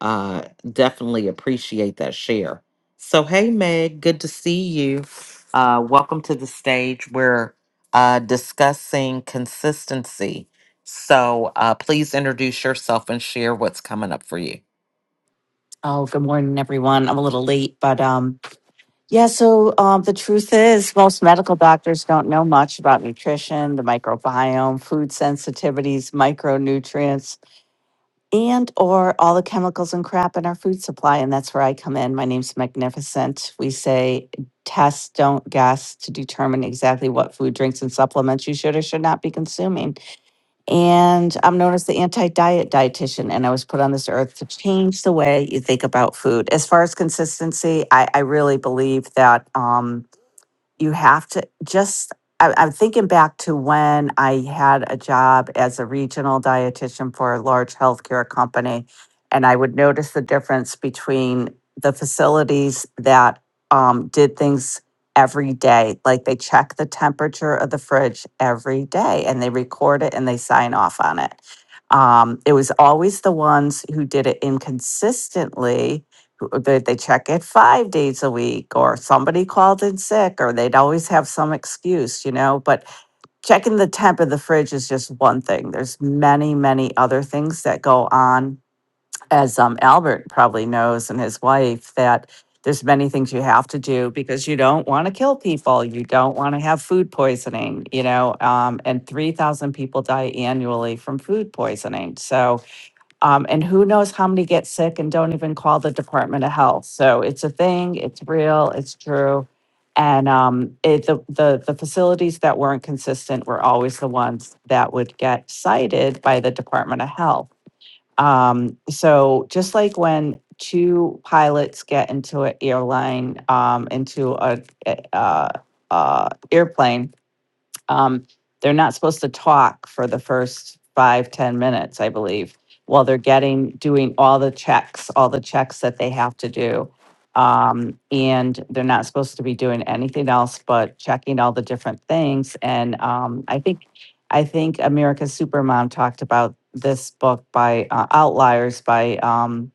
S1: uh, definitely appreciate that share. So, hey, Meg, good to see you. Uh, welcome to the stage. We're uh, discussing consistency so uh, please introduce yourself and share what's coming up for you.
S8: Oh, good morning, everyone. I'm a little late, but um, yeah. So um, the truth is, most medical doctors don't know much about nutrition, the microbiome, food sensitivities, micronutrients, and or all the chemicals and crap in our food supply. And that's where I come in. My name's Magnificent. We say test, don't guess, to determine exactly what food, drinks, and supplements you should or should not be consuming. And I'm known as the anti diet dietitian, and I was put on this earth to change the way you think about food. As far as consistency, I, I really believe that. Um, you have to just I, i'm thinking back to when i had a job as a regional dietitian for a large healthcare company and i would notice the difference between the facilities that um, did things every day like they check the temperature of the fridge every day and they record it and they sign off on it um, it was always the ones who did it inconsistently they, they check it five days a week or somebody called in sick or they'd always have some excuse you know but checking the temp of the fridge is just one thing there's many many other things that go on as um, albert probably knows and his wife that there's many things you have to do because you don't want to kill people you don't want to have food poisoning you know um, and 3000 people die annually from food poisoning so um, and who knows how many get sick and don't even call the Department of Health. So it's a thing. It's real. It's true. And um, it, the, the the facilities that weren't consistent were always the ones that would get cited by the Department of Health. Um, so just like when two pilots get into an airline, um, into a, a uh, uh, airplane, um, they're not supposed to talk for the first five ten minutes, I believe, while they're getting, doing all the checks, all the checks that they have to do. Um, and they're not supposed to be doing anything else but checking all the different things. And, um, I think, I think America's Supermom talked about this book by uh, Outliers by, um,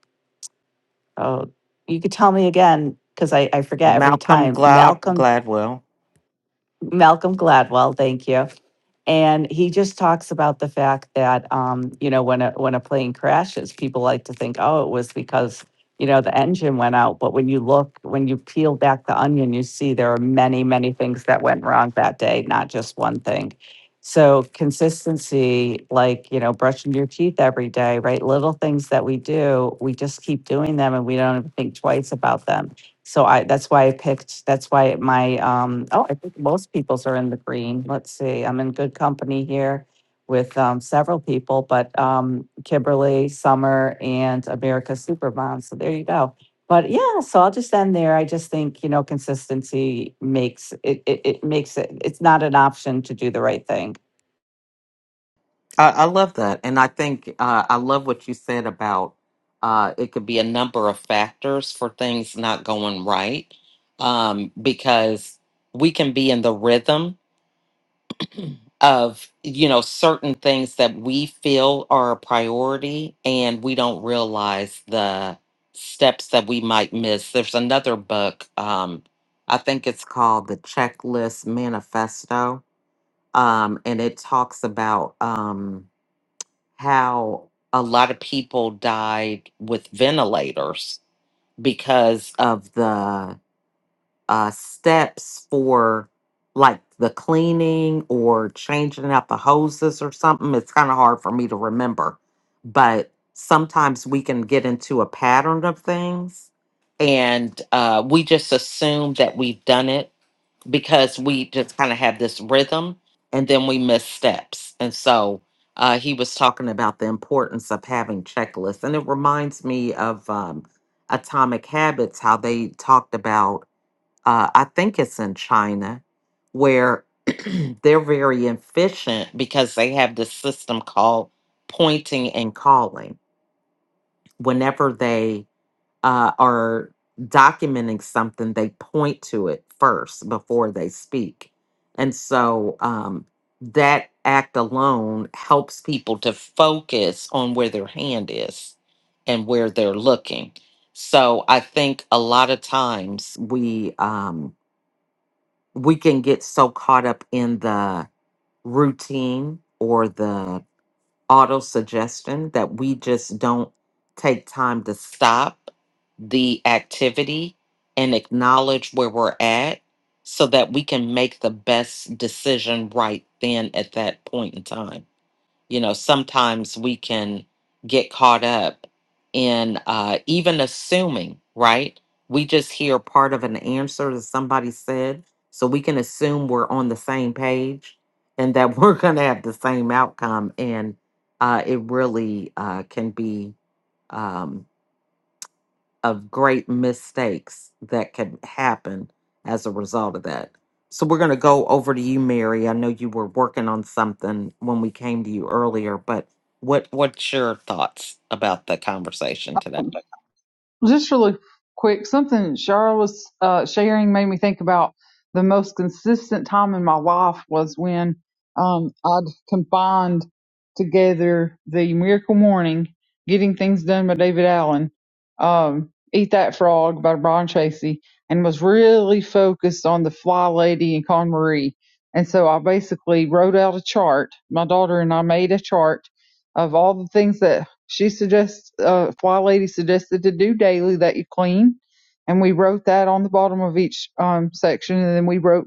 S8: oh, you could tell me again, because I, I forget every
S1: Malcolm
S8: time,
S1: Glad
S8: Malcolm
S1: Gladwell.
S8: Malcolm Gladwell, thank you. And he just talks about the fact that um, you know, when a when a plane crashes, people like to think, oh, it was because, you know, the engine went out. But when you look, when you peel back the onion, you see there are many, many things that went wrong that day, not just one thing. So consistency, like, you know, brushing your teeth every day, right? Little things that we do, we just keep doing them and we don't even think twice about them so I that's why I picked that's why my um oh I think most people's are in the green. Let's see. I'm in good company here with um several people, but um Kimberly, Summer, and America Supermom. So there you go. But yeah, so I'll just end there. I just think, you know, consistency makes it it, it makes it it's not an option to do the right thing.
S1: I, I love that, and I think uh, I love what you said about uh, it could be a number of factors for things not going right, um, because we can be in the rhythm of you know certain things that we feel are a priority and we don't realize the steps that we might miss there's another book um i think it's called the checklist manifesto um and it talks about um how a lot of people died with ventilators because of the uh, steps for like the cleaning or changing out the hoses or something. It's kind of hard for me to remember, but sometimes we can get into a pattern of things and uh, we just assume that we've done it because we just kind of have this rhythm and then we miss steps. And so uh, he was talking about the importance of having checklists. And it reminds me of um, Atomic Habits, how they talked about uh, I think it's in China, where they're very efficient because they have this system called pointing and calling. Whenever they uh, are documenting something, they point to it first before they speak. And so um, that act alone helps people to focus on where their hand is and where they're looking. So I think a lot of times we, um, we can get so caught up in the routine or the auto suggestion that we just don't take time to stop the activity and acknowledge where we're at so that we can make the best decision right then at that point in time you know sometimes we can get caught up in uh even assuming right we just hear part of an answer that somebody said so we can assume we're on the same page and that we're going to have the same outcome and uh it really uh can be um, of great mistakes that can happen as a result of that. So we're going to go over to you, Mary. I know you were working on something when we came to you earlier, but what what's your thoughts about the conversation today?
S2: Just really quick, something Shara was uh, sharing made me think about the most consistent time in my life was when um, I'd combined together the Miracle Morning, Getting Things Done by David Allen, um, Eat That Frog by Brian Tracy, and was really focused on the Fly Lady and Con Marie. And so I basically wrote out a chart. My daughter and I made a chart of all the things that she suggests, uh, Fly Lady suggested to do daily that you clean. And we wrote that on the bottom of each um, section. And then we wrote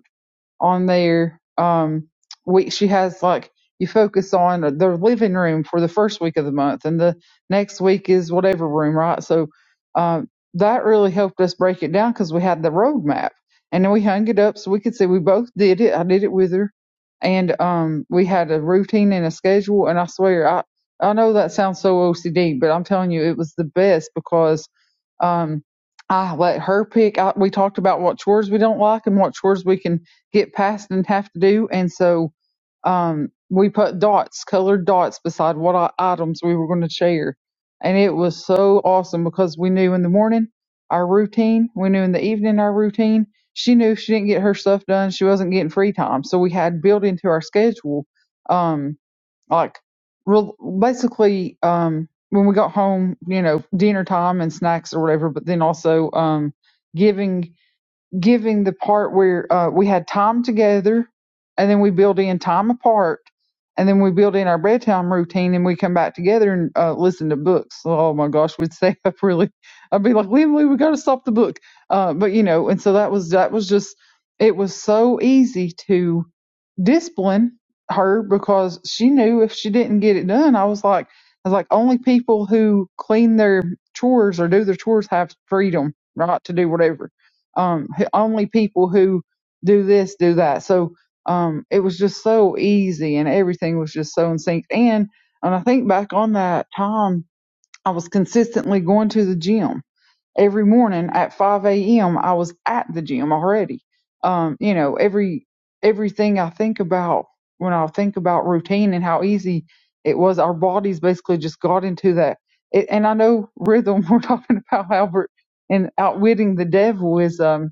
S2: on their um, week. She has like you focus on their living room for the first week of the month, and the next week is whatever room, right? So um, that really helped us break it down because we had the roadmap, and then we hung it up so we could see we both did it. I did it with her, and um, we had a routine and a schedule. And I swear, I I know that sounds so OCD, but I'm telling you, it was the best because um, I let her pick. I, we talked about what chores we don't like and what chores we can get past and have to do. And so um, we put dots, colored dots, beside what items we were going to share. And it was so awesome because we knew in the morning our routine, we knew in the evening our routine. She knew if she didn't get her stuff done, she wasn't getting free time. So we had built into our schedule, um, like real, basically um, when we got home, you know, dinner time and snacks or whatever, but then also um, giving giving the part where uh, we had time together and then we build in time apart and then we build in our bedtime routine and we come back together and uh, listen to books. Oh my gosh, we'd stay up really. I'd be like, Lily, we got to stop the book. Uh, but you know, and so that was, that was just, it was so easy to discipline her because she knew if she didn't get it done, I was like, I was like, only people who clean their chores or do their chores have freedom, right, to do whatever um, only people who do this do that. So um, it was just so easy, and everything was just so in sync. And and I think back on that time, I was consistently going to the gym every morning at 5 a.m. I was at the gym already. Um, you know, every everything I think about when I think about routine and how easy it was, our bodies basically just got into that. It, and I know rhythm. We're talking about Albert and outwitting the devil is. Um,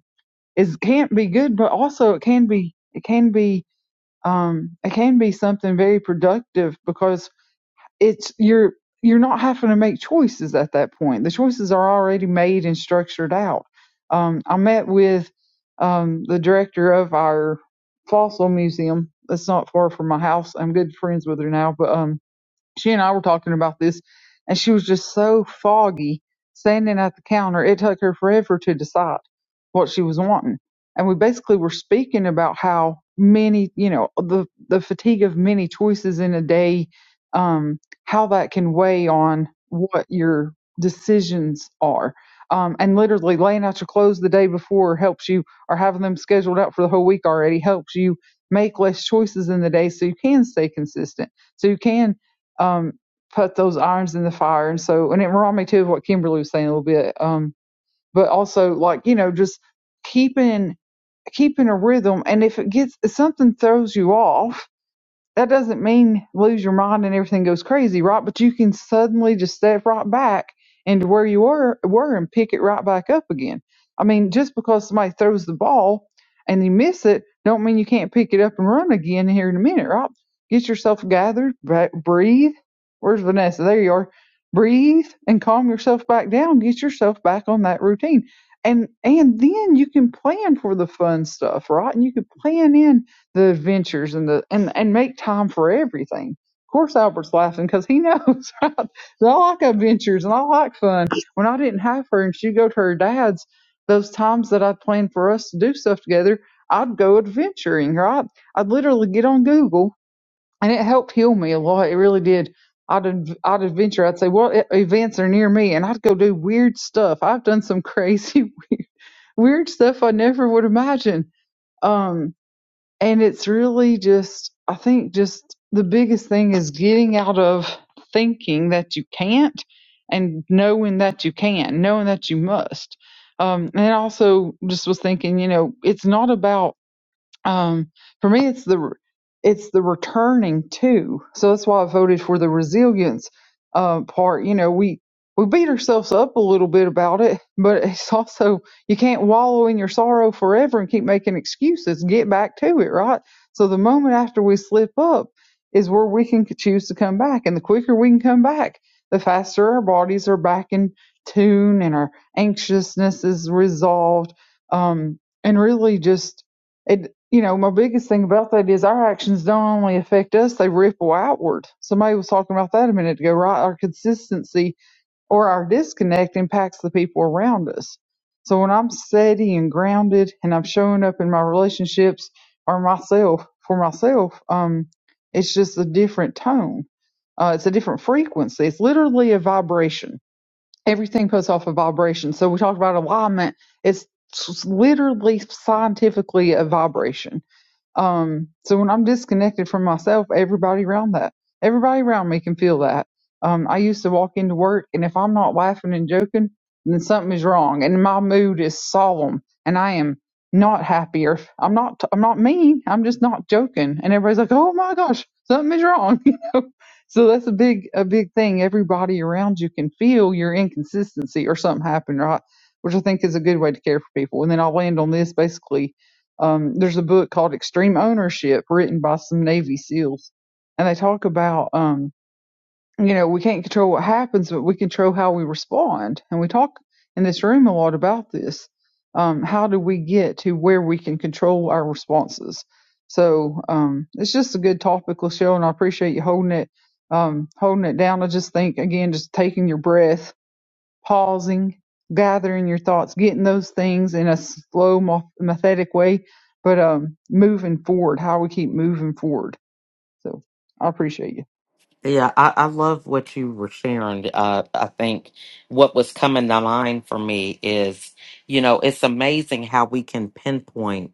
S2: it can't be good, but also it can be it can be um, it can be something very productive because it's you're you're not having to make choices at that point. The choices are already made and structured out. Um, I met with um, the director of our fossil museum. That's not far from my house. I'm good friends with her now, but um, she and I were talking about this, and she was just so foggy standing at the counter. It took her forever to decide what she was wanting. And we basically were speaking about how many, you know, the the fatigue of many choices in a day, um, how that can weigh on what your decisions are. Um, and literally laying out your clothes the day before helps you, or having them scheduled out for the whole week already helps you make less choices in the day so you can stay consistent. So you can um, put those irons in the fire. And so, and it reminded me too of what Kimberly was saying a little bit. Um, but also like, you know, just keeping, keeping a rhythm. And if it gets, if something throws you off, that doesn't mean lose your mind and everything goes crazy, right? But you can suddenly just step right back into where you were were and pick it right back up again. I mean, just because somebody throws the ball and you miss it, don't mean you can't pick it up and run again here in a minute, right? Get yourself gathered, ba- breathe. Where's Vanessa? There you are. Breathe and calm yourself back down. Get yourself back on that routine. And and then you can plan for the fun stuff, right? And you can plan in the adventures and the and and make time for everything. Of course, Albert's laughing because he knows right? that I like adventures and I like fun. When I didn't have her and she'd go to her dad's, those times that i planned for us to do stuff together, I'd go adventuring. Right? I'd literally get on Google, and it helped heal me a lot. It really did. I'd ad- I'd adventure. I'd say what e- events are near me, and I'd go do weird stuff. I've done some crazy weird weird stuff I never would imagine. Um, and it's really just i think just the biggest thing is getting out of thinking that you can't and knowing that you can knowing that you must um, and also just was thinking you know it's not about um, for me, it's the it's the returning to. So that's why I voted for the resilience uh, part. You know, we we beat ourselves up a little bit about it, but it's also you can't wallow in your sorrow forever and keep making excuses. Get back to it, right? So the moment after we slip up is where we can choose to come back, and the quicker we can come back, the faster our bodies are back in tune and our anxiousness is resolved. Um, and really just. it you know, my biggest thing about that is our actions don't only affect us, they ripple outward. Somebody was talking about that a minute ago, right? Our consistency or our disconnect impacts the people around us. So when I'm steady and grounded and I'm showing up in my relationships or myself for myself, um, it's just a different tone. Uh, it's a different frequency. It's literally a vibration. Everything puts off a vibration. So we talk about alignment. It's s- literally scientifically a vibration um, so when I'm disconnected from myself, everybody around that, everybody around me can feel that. Um, I used to walk into work, and if I'm not laughing and joking, then something is wrong, and my mood is solemn, and I am not happy, or I'm not, I'm not mean, I'm just not joking, and everybody's like, "Oh my gosh, something is wrong," you know. So that's a big, a big thing. Everybody around you can feel your inconsistency or something happened, right? Which I think is a good way to care for people. And then I'll land on this basically um, there's a book called Extreme Ownership written by some Navy SEALs, and they talk about, um, you know, we can't control what happens, but we control how we respond. And we talk in this room a lot about this. Um, how do we get to where we can control our responses? So um, it's just a good topical show, and I appreciate you holding it, um, holding it down. I just think again, just taking your breath pausing, gathering your thoughts, getting those things in a slow, methodic way, but um, moving forward, how we keep moving forward. So I appreciate you.
S1: Yeah, I, I love what you were sharing. Uh, I think what was coming to mind for me is, you know, it's amazing how we can pinpoint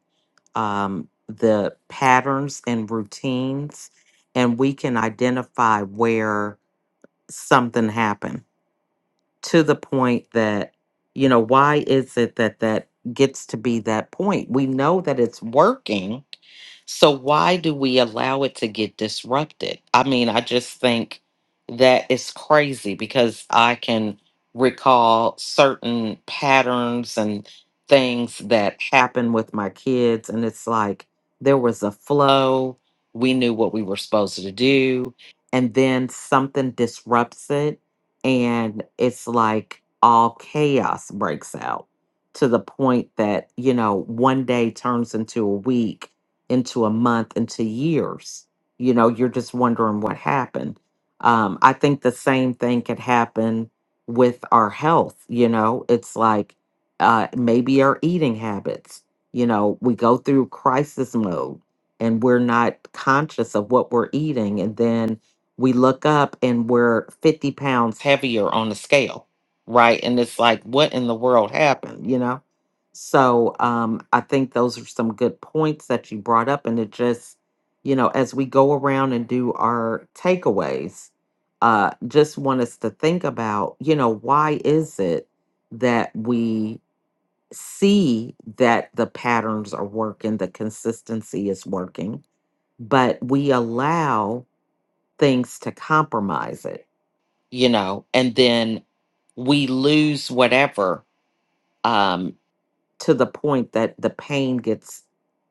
S1: um, the patterns and routines, and we can identify where something happen to the point that you know why is it that that gets to be that point we know that it's working so why do we allow it to get disrupted? I mean, I just think that is crazy because I can recall certain patterns and things that happen with my kids and it's like there was a flow, we knew what we were supposed to do, and then something disrupts it and it's like all chaos breaks out to the point that, you know, one day turns into a week into a month, into years. You know, you're just wondering what happened. Um, I think the same thing could happen with our health. You know, it's like uh, maybe our eating habits. You know, we go through crisis mode and we're not conscious of what we're eating. And then we look up and we're 50 pounds heavier on the scale, right? And it's like, what in the world happened? You know? So um, I think those are some good points that you brought up. And it just, you know, as we go around and do our takeaways, uh, just want us to think about, you know, why is it that we see that the patterns are working, the consistency is working, but we allow things to compromise it, you know, and then we lose whatever um, to the point that the pain gets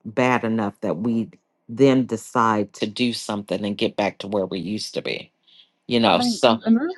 S1: bad enough that we then decide to do something and get back to where we used to be you
S2: I
S1: know
S2: mean,
S1: so
S2: and really,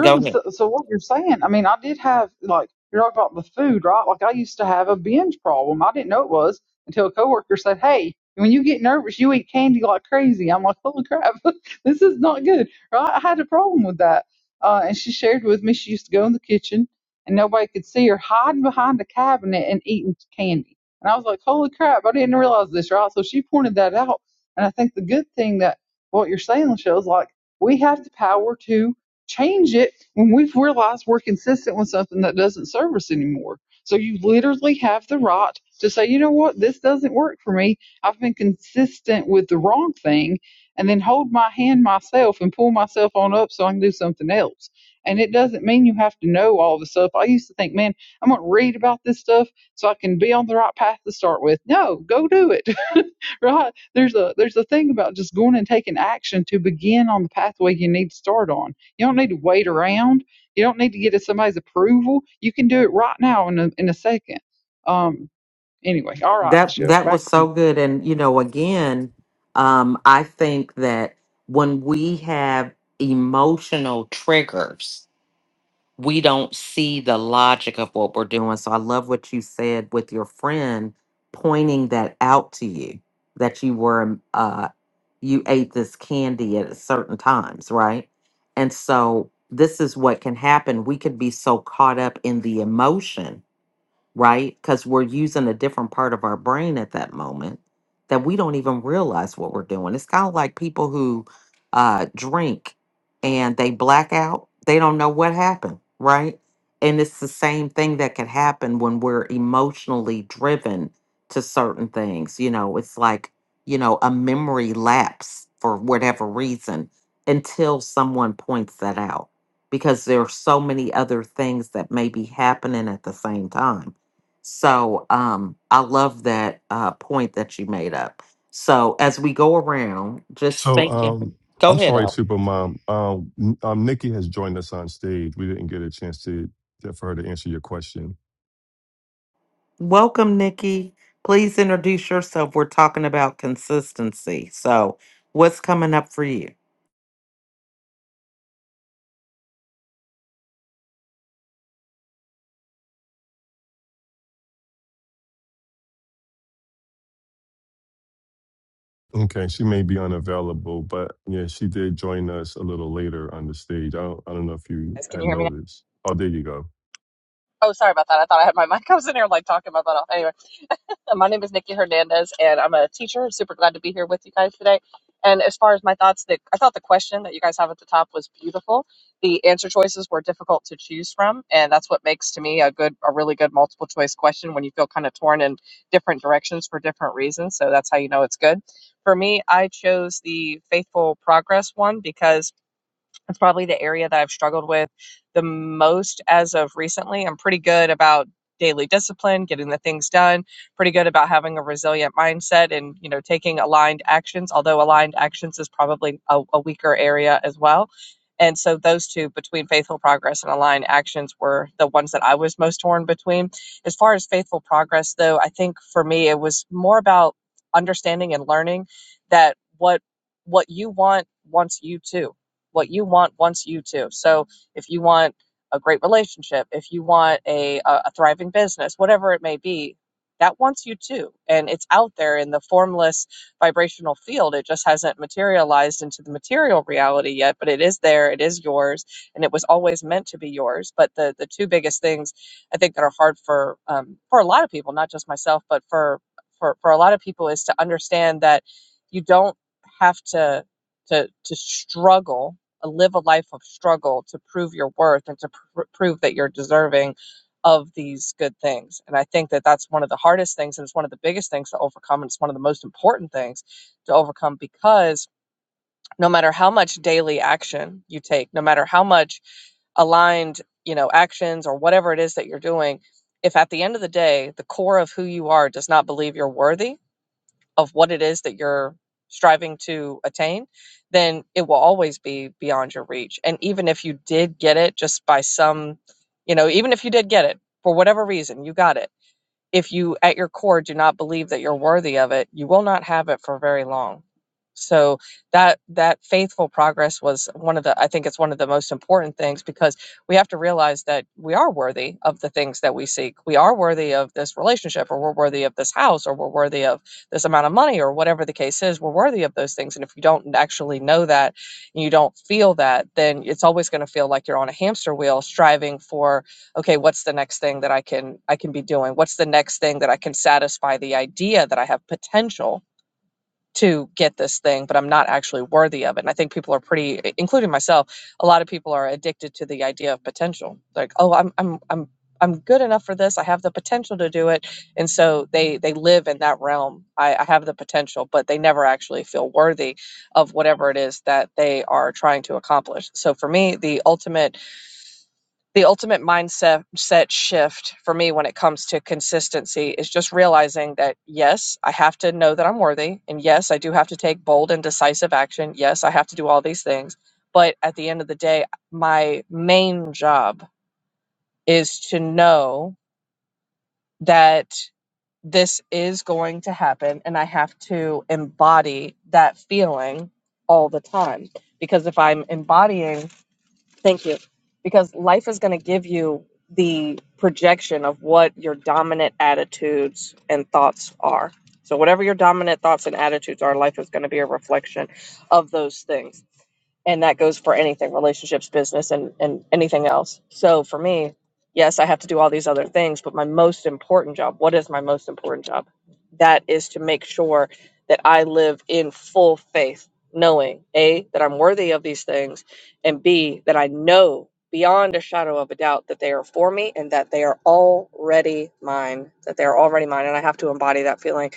S1: go ahead
S2: so, so what you're saying, I mean, I did have, like, you're talking about the food, right? Like, I used to have a binge problem. I didn't know it was until a coworker said, hey, when you get nervous, you eat candy like crazy. I'm like, holy crap, this is not good, right? I had a problem with that. Uh, and she shared with me she used to go in the kitchen and nobody could see her hiding behind a cabinet and eating candy. And I was like, holy crap, I didn't realize this, right? So she pointed that out. And I think the good thing that what you're saying, Michelle, is like, we have the power to change it when we've realized we're consistent with something that doesn't serve us anymore. So you literally have the right to say, you know what, this doesn't work for me. I've been consistent with the wrong thing, and then hold my hand myself and pull myself on up so I can do something else. And it doesn't mean you have to know all the stuff. I used to think, man, I'm going to read about this stuff so I can be on the right path to start with. No, go do it. right? there's a there's a thing about just going and taking action to begin on the pathway you need to start on. You don't need to wait around. You don't need to get to somebody's approval. You can do it right now in a in a second. Um. Anyway, all right,
S1: that
S2: Michelle,
S1: that
S2: back
S1: was
S2: to you.
S1: so good and you know again um i think that when we have emotional triggers we don't see the logic of what we're doing so i love what you said with your friend pointing that out to you that you were um, uh you ate this candy at certain times, right? And so this is what can happen. We could be so caught up in the emotion right? Because we're using a different part of our brain at that moment that we don't even realize what we're doing. It's kind of like people who uh, drink and they black out, they don't know what happened, right? And it's the same thing that could happen when we're emotionally driven to certain things. You know, it's like, you know, a memory lapse for whatever reason until someone points that out because there are so many other things that may be happening at the same time so um, I love that uh, point that you made up. So as we go around, just
S3: So
S1: thinking.
S3: um,
S1: Go
S3: I'm
S1: ahead,
S3: sorry,
S1: Al.
S3: Supermom. Um, n- um, Nikki has joined us on stage. We didn't get a chance to for her to answer your question.
S1: Welcome, Nikki. Please introduce yourself. We're talking about consistency. So what's coming up for you?
S3: Okay, she may be unavailable, but yeah, she did join us a little later on the stage. I don't, I don't know if you
S9: guys. Can you
S3: had
S9: hear me now?
S3: noticed. Oh, there you go.
S9: Oh, sorry about that. I thought I had my mic. I was in here like talking my butt off. Anyway, so my name is Nikki Hernandez, and I'm a teacher. Super glad to be here with you guys today. And as far as my thoughts, the, I thought the question that you guys have at the top was beautiful. The answer choices were difficult to choose from, and that's what makes to me a good, a really good multiple choice question when you feel kind of torn in different directions for different reasons. So that's how you know it's good. For me, I chose the faithful progress one because It's probably the area that I've struggled with the most as of recently. I'm pretty good about daily discipline, getting the things done, pretty good about having a resilient mindset and, you know, taking aligned actions, although aligned actions is probably a, a weaker area as well. And so those two between faithful progress and aligned actions were the ones that I was most torn between. As far as faithful progress though, I think for me it was more about understanding and learning that what what you want wants you too what you want wants you to. So if you want a great relationship, if you want a, a, a thriving business, whatever it may be, that wants you too. And it's out there in the formless vibrational field. It just hasn't materialized into the material reality yet, but it is there. It is yours. And it was always meant to be yours. But the, the two biggest things I think that are hard for, um, for a lot of people, not just myself, but for, for, for a lot of people is to understand that you don't have to, to, to struggle uh, live a life of struggle to prove your worth and to pr- prove that you're deserving of these good things. And I think that that's one of the hardest things, and it's one of the biggest things to overcome, and it's one of the most important things to overcome because no matter how much daily action you take, no matter how much aligned, you know, actions or whatever it is that you're doing, if at the end of the day, the core of who you are does not believe you're worthy, of what it is that you're striving to attain, then it will always be beyond your reach. And even if you did get it just by some, you know, even if you did get it for whatever reason, you got it if you at your core do not believe that you're worthy of it you will not have it for very long so that that faithful progress was one of the i think it's one of the most important things because we have to realize that we are worthy of the things that we seek we are worthy of this relationship or we're worthy of this house or we're worthy of this amount of money or whatever the case is we're worthy of those things and if you don't actually know that and you don't feel that then it's always going to feel like you're on a hamster wheel striving for okay what's the next thing that i can i can be doing what's the next thing that i can satisfy the idea that i have potential to get this thing but i'm not actually worthy of it and i think people are pretty including myself a lot of people are addicted to the idea of potential like oh i'm i'm i'm i'm good enough for this i have the potential to do it and so they they live in that realm i, I have the potential but they never actually feel worthy of whatever it is that they are trying to accomplish so for me the ultimate the ultimate mindset set shift for me when it comes to consistency is just realizing that yes, I have to know that I'm worthy and yes, I do have to take bold and decisive action. Yes, I have to do all these things. But at the end of the day, my main job is to know that this is going to happen and I have to embody that feeling all the time because if I'm embodying Thank you. Because life is going to give you the projection of what your dominant attitudes and thoughts are. So, whatever your dominant thoughts and attitudes are, life is going to be a reflection of those things and that goes for anything relationships business and and anything else so for me yes i have to do all these other things but my most important job what is my most important job that is to make sure that i live in full faith knowing a that i'm worthy of these things and b that i know beyond a shadow of a doubt that they are for me and that they are already mine that they are already mine and i have to embody that feeling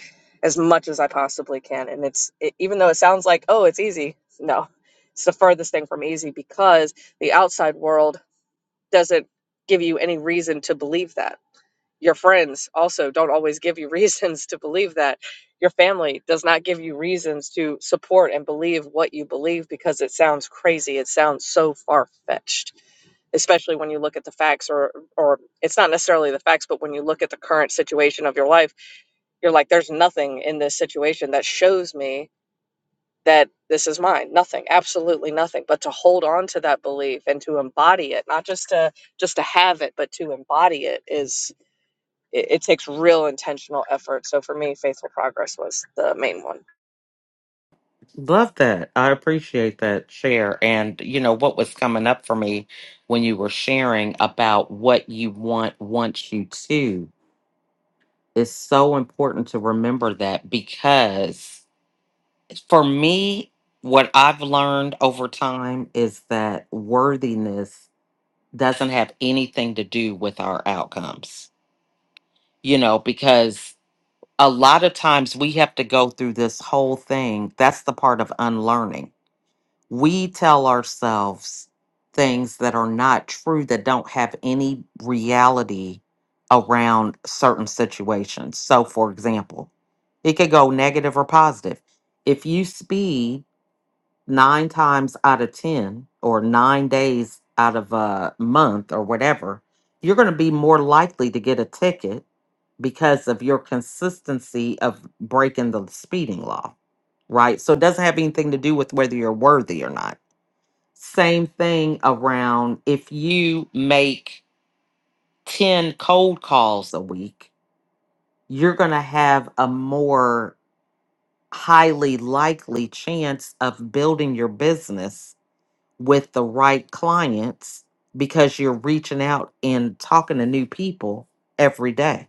S9: as much as i possibly can and it's it, even though it sounds like oh it's easy no it's the furthest thing from easy because the outside world doesn't give you any reason to believe that. Your friends also don't always give you reasons to believe that. Your family does not give you reasons to support and believe what you believe because it sounds crazy. It sounds so far fetched, especially when you look at the facts, or, or it's not necessarily the facts, but when you look at the current situation of your life, you're like, there's nothing in this situation that shows me that this is mine nothing absolutely nothing but to hold on to that belief and to embody it not just to just to have it but to embody it is it, it takes real intentional effort so for me faithful progress was the main one
S1: Love that. I appreciate that share. And you know what was coming up for me when you were sharing about what you want wants you to is so important to remember that because for me, what I've learned over time is that worthiness doesn't have anything to do with our outcomes, you know, because a lot of times we have to go through this whole thing. That's the part of unlearning. We tell ourselves things that are not true, that don't have any reality around certain situations. So, for example, it could go negative or positive. If you speed nine times out of 10 or nine days out of a month or whatever, you're going to be more likely to get a ticket because of your consistency of breaking the speeding law, right? So it doesn't have anything to do with whether you're worthy or not. Same thing around if you make 10 cold calls a week, you're going to have a more highly likely chance of building your business with the right clients because you're reaching out and talking to new people every day,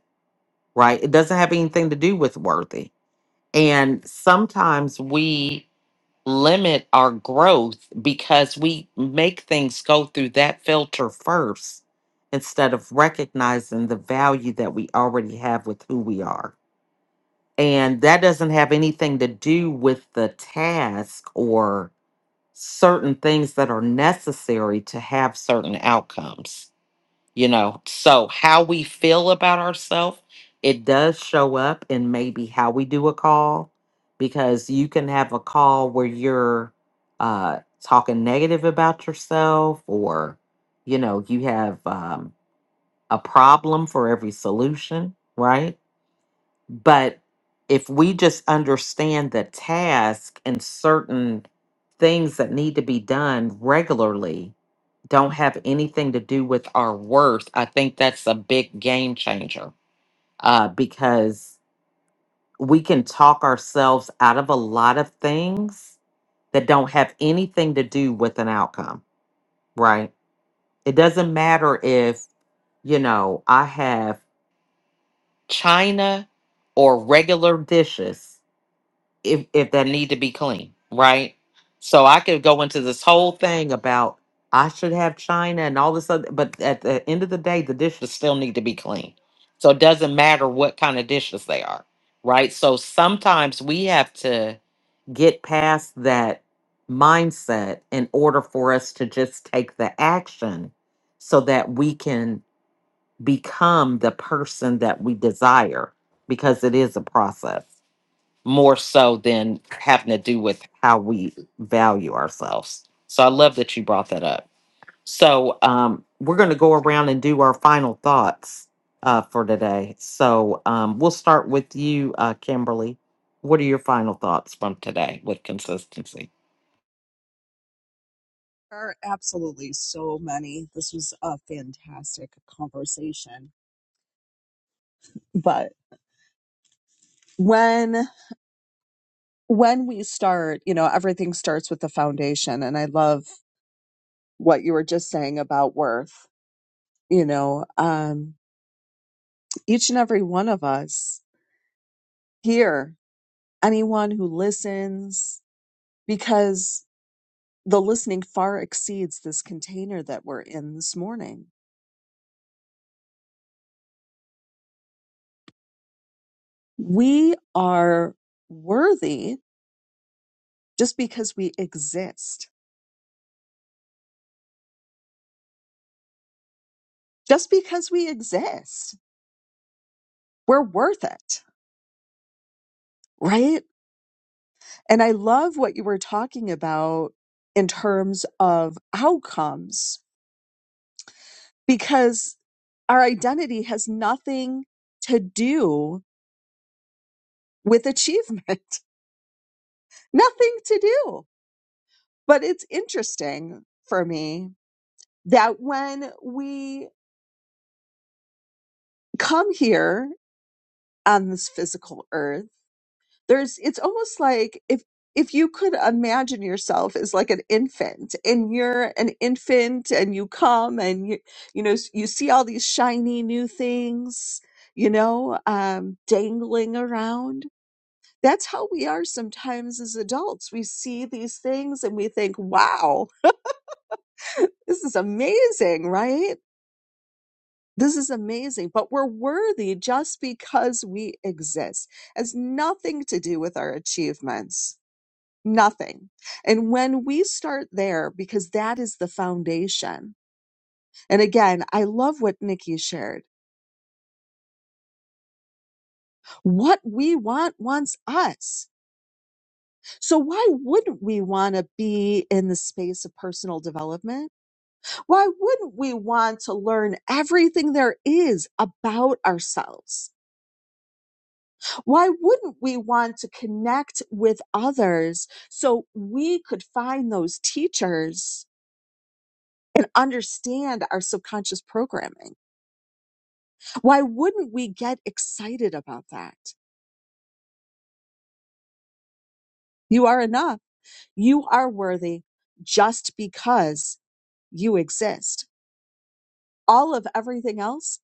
S1: right? It doesn't have anything to do with worthy. And sometimes we limit our growth because we make things go through that filter first instead of recognizing the value that we already have with who we are. And that doesn't have anything to do with the task or certain things that are necessary to have certain outcomes you know so how we feel about ourselves it does show up in maybe how we do a call because you can have a call where you're uh talking negative about yourself or you know you have um a problem for every solution right but if we just understand the task and certain things that need to be done regularly don't have anything to do with our worth, I think that's a big game changer uh, because we can talk ourselves out of a lot of things that don't have anything to do with an outcome, right? It doesn't matter if, you know, I have china or regular dishes if if that need to be clean, right? So I could go into this whole thing about I should have China and all this other, but at the end of the day, the dishes still need to be clean. So it doesn't matter what kind of dishes they are, right? So sometimes we have to get past that mindset in order for us to just take the action so that we can become the person that we desire because it is a process more so than having to do with how we value ourselves. So I love that you brought that up. So um, we're going to go around and do our final thoughts uh, for today. So um, we'll start with you, uh, Kimberly. What are your final thoughts from today with consistency?
S5: There are absolutely so many. This was a fantastic conversation. But when when we start, you know, everything starts with the foundation and I love what you were just saying about worth. You know, um each and every one of us here, anyone who listens because the listening far exceeds this container that we're in this morning. We are worthy just because we exist just because we exist, we're worth it, right? And I love what you were talking about in terms of outcomes because our identity has nothing to do with achievement, nothing to do. But it's interesting for me that when we come here on this physical earth, there's it's almost like if if you could imagine yourself as like an infant and you're an infant and you come and you you know s- you see all these shiny new things you know um dangling around that's how we are sometimes as adults we see these things and we think wow this is amazing right this is amazing but we're worthy just because we exist it has nothing to do with our achievements Nothing. And when we start there, because that is the foundation. And again, I love what Nikki shared. What we want wants us. So why wouldn't we want to be in the space of personal development? Why wouldn't we want to learn everything there is about ourselves? Why wouldn't we want to connect with others so we could find those teachers and understand our subconscious programming? Why wouldn't we get excited about that? You are enough. You are worthy just because you exist. All of everything else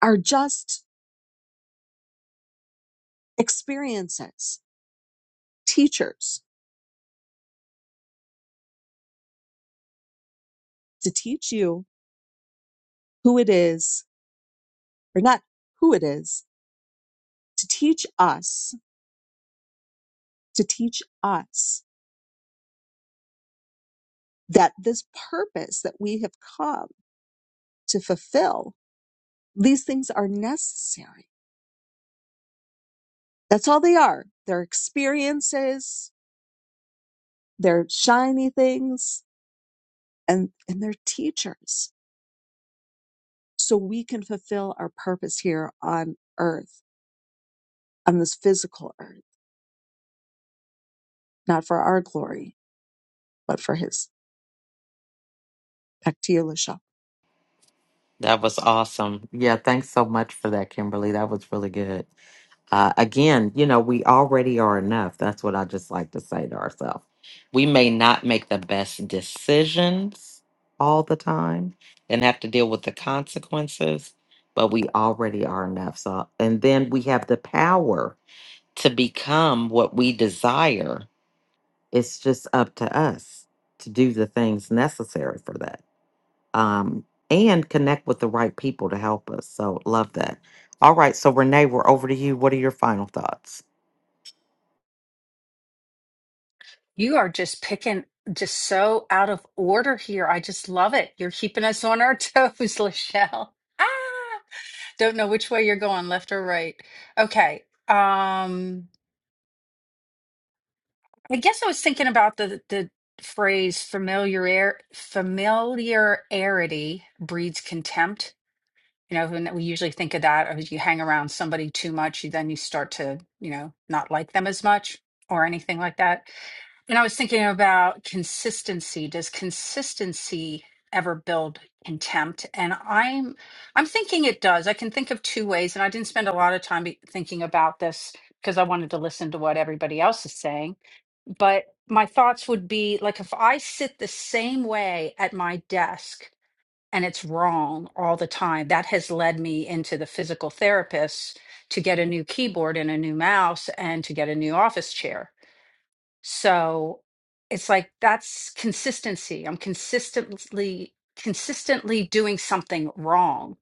S5: are just experiences, teachers to teach you who it is, or not who it is, to teach us, to teach us that this purpose that we have come to fulfill, these things are necessary. That's all they are. They're experiences they're shiny things and and they're teachers so we can fulfill our purpose here on earth on this physical earth not for our glory but for his back to you, Lashon.
S1: That was awesome. Yeah, thanks so much for that, Kimberly. That was really good. Uh, again, you know, we already are enough. That's what I just like to say to ourselves. We may not make the best decisions all the time and have to deal with the consequences, but we already are enough. So, and then we have the power to become what we desire. It's just up to us to do the things necessary for that. Um, and connect with the right people to help us. So, love that. All right. So, Renee, we're over to you. What are your final thoughts?
S6: You are just picking just so out of order here. I just love it. You're keeping us on our toes, Lachelle. Ah, don't know which way you're going, left or right. Okay. Um, I guess I was thinking about the the phrase familiar familiarity breeds contempt. You know, and we usually think of that as you hang around somebody too much, you then you start to, you know, not like them as much or anything like that. And I was thinking about consistency. Does consistency ever build contempt? And I'm I'm thinking it does. I can think of two ways, and I didn't spend a lot of time be- thinking about this because I wanted to listen to what everybody else is saying. But my thoughts would be like if I sit the same way at my desk and it's wrong all the time, that has led me into the physical therapist to get a new keyboard and a new mouse and to get a new office chair so it's like that's consistency. I'm consistently consistently doing something wrong.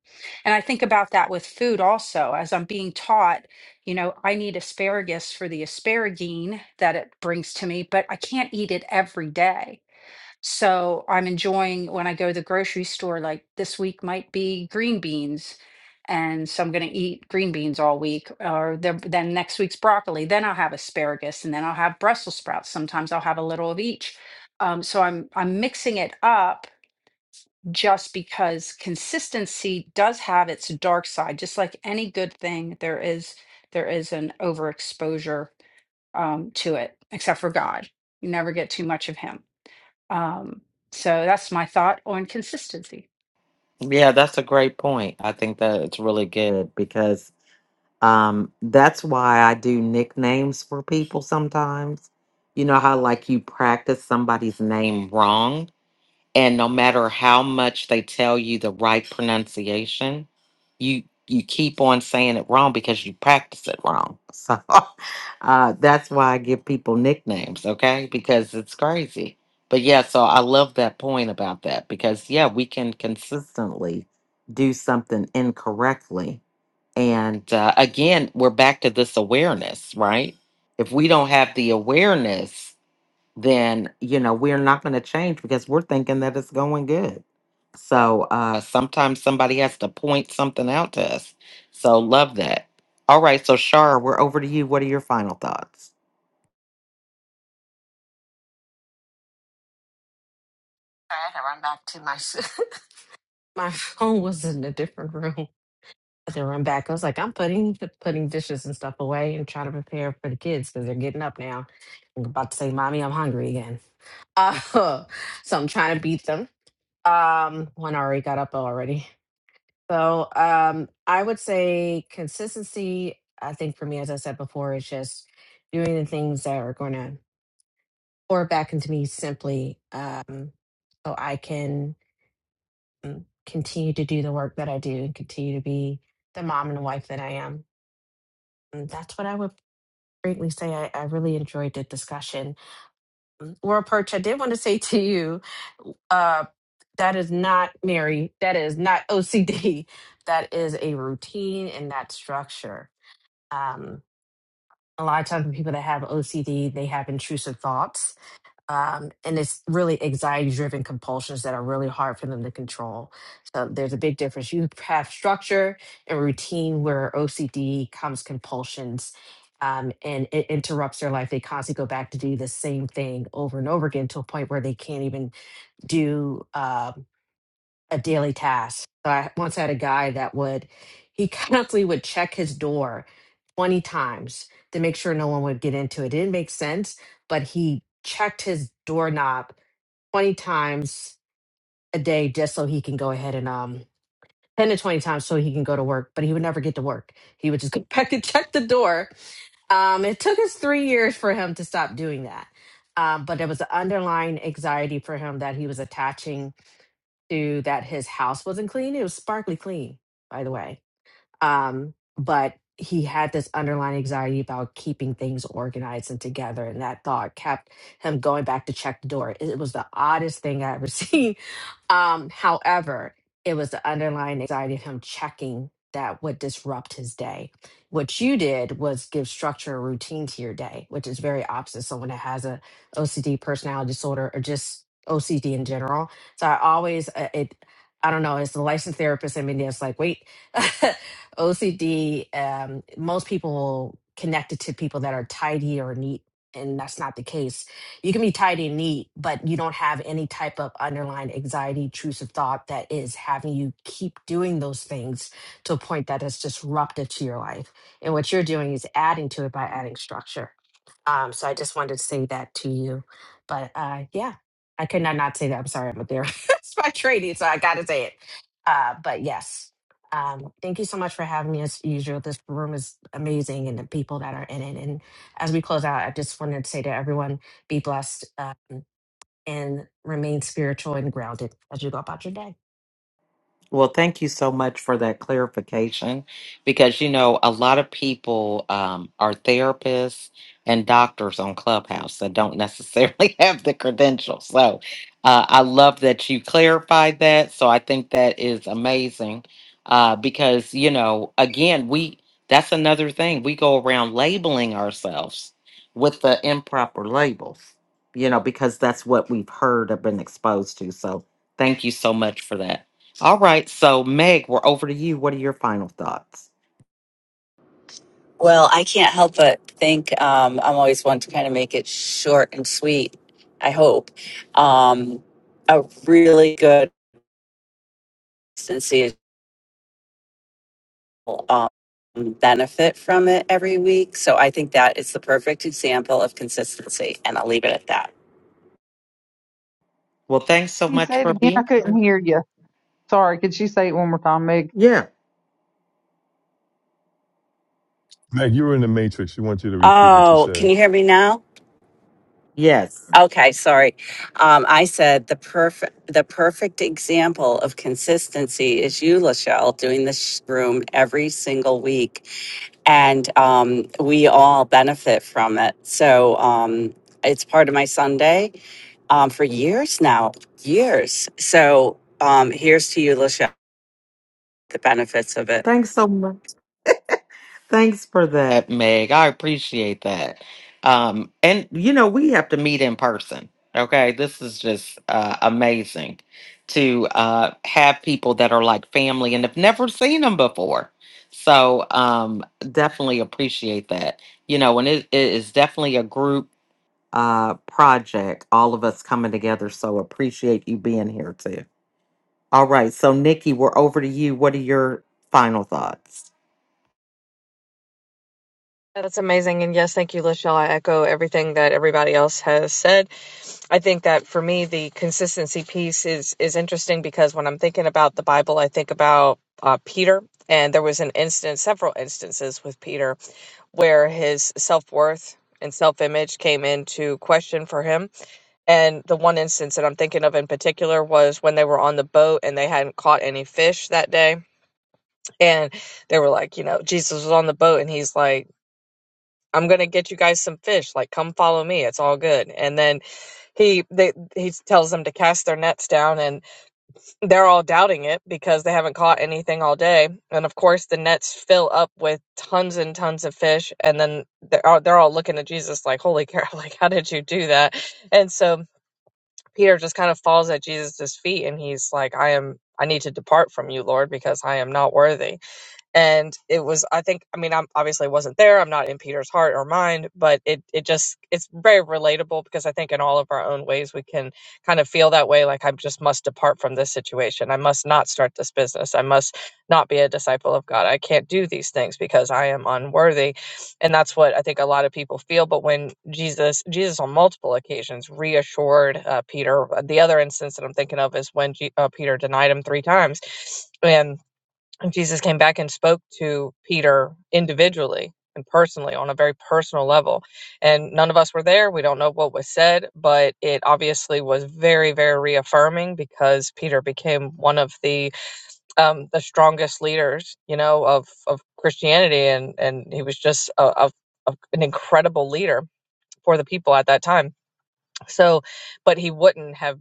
S6: And I think about that with food also as I'm being taught, you know, I need asparagus for the asparagine that it brings to me, but I can't eat it every day. So I'm enjoying when I go to the grocery store, like this week might be green beans. And so I'm going to eat green beans all week, or the, then next week's broccoli. Then I'll have asparagus, and then I'll have Brussels sprouts. Sometimes I'll have a little of each. Um, so I'm I'm mixing it up just because consistency does have its dark side. Just like any good thing, there is there is an overexposure um, to it, except for God. You never get too much of Him. Um, so that's my thought on consistency.
S1: Yeah, that's a great point. I think that it's really good because um that's why I do nicknames for people sometimes. You know how like you practice somebody's name wrong? and no matter how much they tell you the right pronunciation you you keep on saying it wrong because you practice it wrong so uh, that's why i give people nicknames okay because it's crazy but yeah so i love that point about that because yeah we can consistently do something incorrectly and uh, again we're back to this awareness right if we don't have the awareness then you know we're not going to change because we're thinking that it's going good so uh sometimes somebody has to point something out to us so love that all right so shar we're over to you what are your final thoughts
S7: Sorry, I had to run back to my s- my phone was in a different room. I had to run back. I was like, I'm putting putting dishes and stuff away and trying to prepare for the kids because they're getting up now. I'm about to say, "Mommy, I'm hungry again." Uh, so I'm trying to beat them. Um, one already got up already. So um, I would say consistency. I think for me, as I said before, is just doing the things that are going to pour back into me simply, um, so I can mm, continue to do the work that I do and continue to be the mom and wife that I am. And that's what I would greatly say. I, I really enjoyed the discussion. Mm, Laura Perch, I did want to say to you, uh, that is not Mary. That is not OCD. That is a routine and that structure Um, a lot of times people that have OCD, they have intrusive thoughts. Um, and it's really anxiety driven compulsions that are really hard for them to control. So there's a big difference. You have structure and routine where OCD comes compulsions um, and it interrupts their life. They constantly go back to do the same thing over and over again to a point where they can't even do. um, a daily task. So I once had a guy that would he constantly would check his door 20 times to make sure no one would get into it. It didn't make sense, but he checked his doorknob 20 times a day just so he can go ahead and um 10 to 20 times so he can go to work, but he would never get to work. He would just go back and check the door. Um, it took us three years for him to stop doing that. Um, but there was an underlying anxiety for him that he was attaching to that his house wasn't clean. It was sparkly clean, by the way. Um, but he had this underlying anxiety about keeping things organized and together. And that thought kept him going back to check the door. It was the oddest thing I ever seen. Um, however, it was the underlying anxiety of him checking that would disrupt his day. What you did was give structure or routine to your day, which is very opposite someone that has a OCD personality disorder or just OCD in general. So I always uh, it I don't know, it's the licensed therapist in me that's like, wait, OCD, um, most people connect it to people that are tidy or neat, and that's not the case. You can be tidy and neat, but you don't have any type of underlying anxiety, intrusive thought that is having you keep doing those things to a point that is disruptive to your life. And what you're doing is adding to it by adding structure. Um, so I just wanted to say that to you. But uh, yeah, I could not not say that. I'm sorry, I'm a therapist by training, so I got to say it. Uh, but yes. Um, thank you so much for having me as usual. This room is amazing and the people that are in it. And as we close out, I just wanted to say to everyone be blessed uh, and remain spiritual and grounded as you go about your day.
S1: Well, thank you so much for that clarification because, you know, a lot of people um, are therapists and doctors on Clubhouse that don't necessarily have the credentials. So uh, I love that you clarified that. So I think that is amazing uh, because, you know, again, we that's another thing. We go around labeling ourselves with the improper labels, you know, because that's what we've heard or been exposed to. So thank you so much for that. All right. So, Meg, we're over to you. What are your final thoughts?
S8: Well, I can't help but think um, I'm always one to kind of make it short and sweet. I hope um, a really good. consistency um, benefit from it every week. So I think that is the perfect example of consistency, and I'll leave it at that.
S1: Well, thanks so
S2: Can you
S1: much
S2: say it
S1: for
S2: again? I
S1: being.
S2: couldn't hear you. Sorry. Could you say it one more time, Megan?
S1: Yeah.
S3: Meg, you were in the Matrix. We want you to repeat what you
S8: Oh, can
S3: said.
S8: you hear me now?
S1: Yes.
S8: Okay, sorry. Um, I said the perfect the perfect example of consistency is you, Lachelle, doing this sh- room every single week and um, we all benefit from it. So um, it's part of my Sunday um, for years now, years. So um, here's to you, Lachelle, the benefits of it.
S1: Thanks so much. Thanks for that, Meg. I appreciate that. Um, and you know, we have to meet in person. Okay. This is just uh, amazing to uh, have people that are like family and have never seen them before. So, um, definitely appreciate that. You know, and it, it is definitely a group uh, project, all of us coming together. So appreciate you being here too. All right. So, Nikki, we're over to you. What are your final thoughts?
S9: Yeah, that's amazing and yes thank you lachelle i echo everything that everybody else has said i think that for me the consistency piece is is interesting because when i'm thinking about the bible i think about uh, peter and there was an instance several instances with peter where his self worth and self image came into question for him. And the one instance that I'm thinking of in particular was when they were on the boat and they hadn't caught any fish that day. And they were like, you know, Jesus was on the boat and he's like, I'm going to get you guys some fish. Like, come follow me. It's all good. And then he they he tells them to cast their nets down and they're all doubting it because they haven't caught anything all day. And of course, the nets fill up with tons and tons of fish. And then they're all, they're all looking at Jesus like, Holy cow, like, how did you do that? And so Peter just kind of falls at Jesus' feet and he's like, I am, I need to depart from you, Lord, because I am not worthy and it was i think i mean i'm obviously wasn't there i'm not in peter's heart or mind but it it just it's very relatable because i think in all of our own ways we can kind of feel that way like i just must depart from this situation i must not start this business i must not be a disciple of god i can't do these things because i am unworthy and that's what i think a lot of people feel but when jesus jesus on multiple occasions reassured uh, peter the other instance that i'm thinking of is when G- uh, peter denied him three times and Jesus came back and spoke to Peter individually and personally on a very personal level. And none of us were there. We don't know what was said, but it obviously was very, very reaffirming because Peter became one of the um, the strongest leaders, you know, of, of Christianity. And, and he was just a, a, a, an incredible leader for the people at that time. So, but he wouldn't have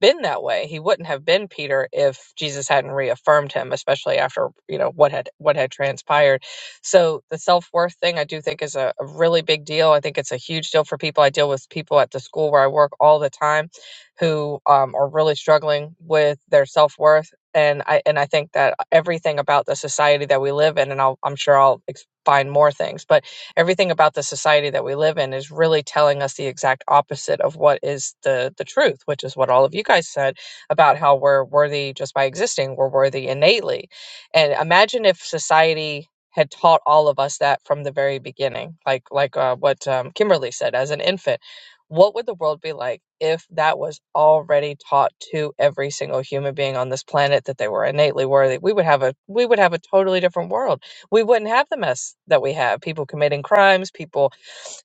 S9: been that way. He wouldn't have been Peter if Jesus hadn't reaffirmed him, especially after, you know, what had what had transpired. So the self-worth thing I do think is a, a really big deal. I think it's a huge deal for people. I deal with people at the school where I work all the time who um, are really struggling with their self-worth. And I and I think that everything about the society that we live in, and I'll, I'm sure I'll ex- find more things, but everything about the society that we live in is really telling us the exact opposite of what is the the truth which is what all of you guys said about how we're worthy just by existing we're worthy innately and imagine if society had taught all of us that from the very beginning like like uh, what um, kimberly said as an infant what would the world be like if that was already taught to every single human being on this planet that they were innately worthy we would have a we would have a totally different world we wouldn't have the mess that we have people committing crimes, people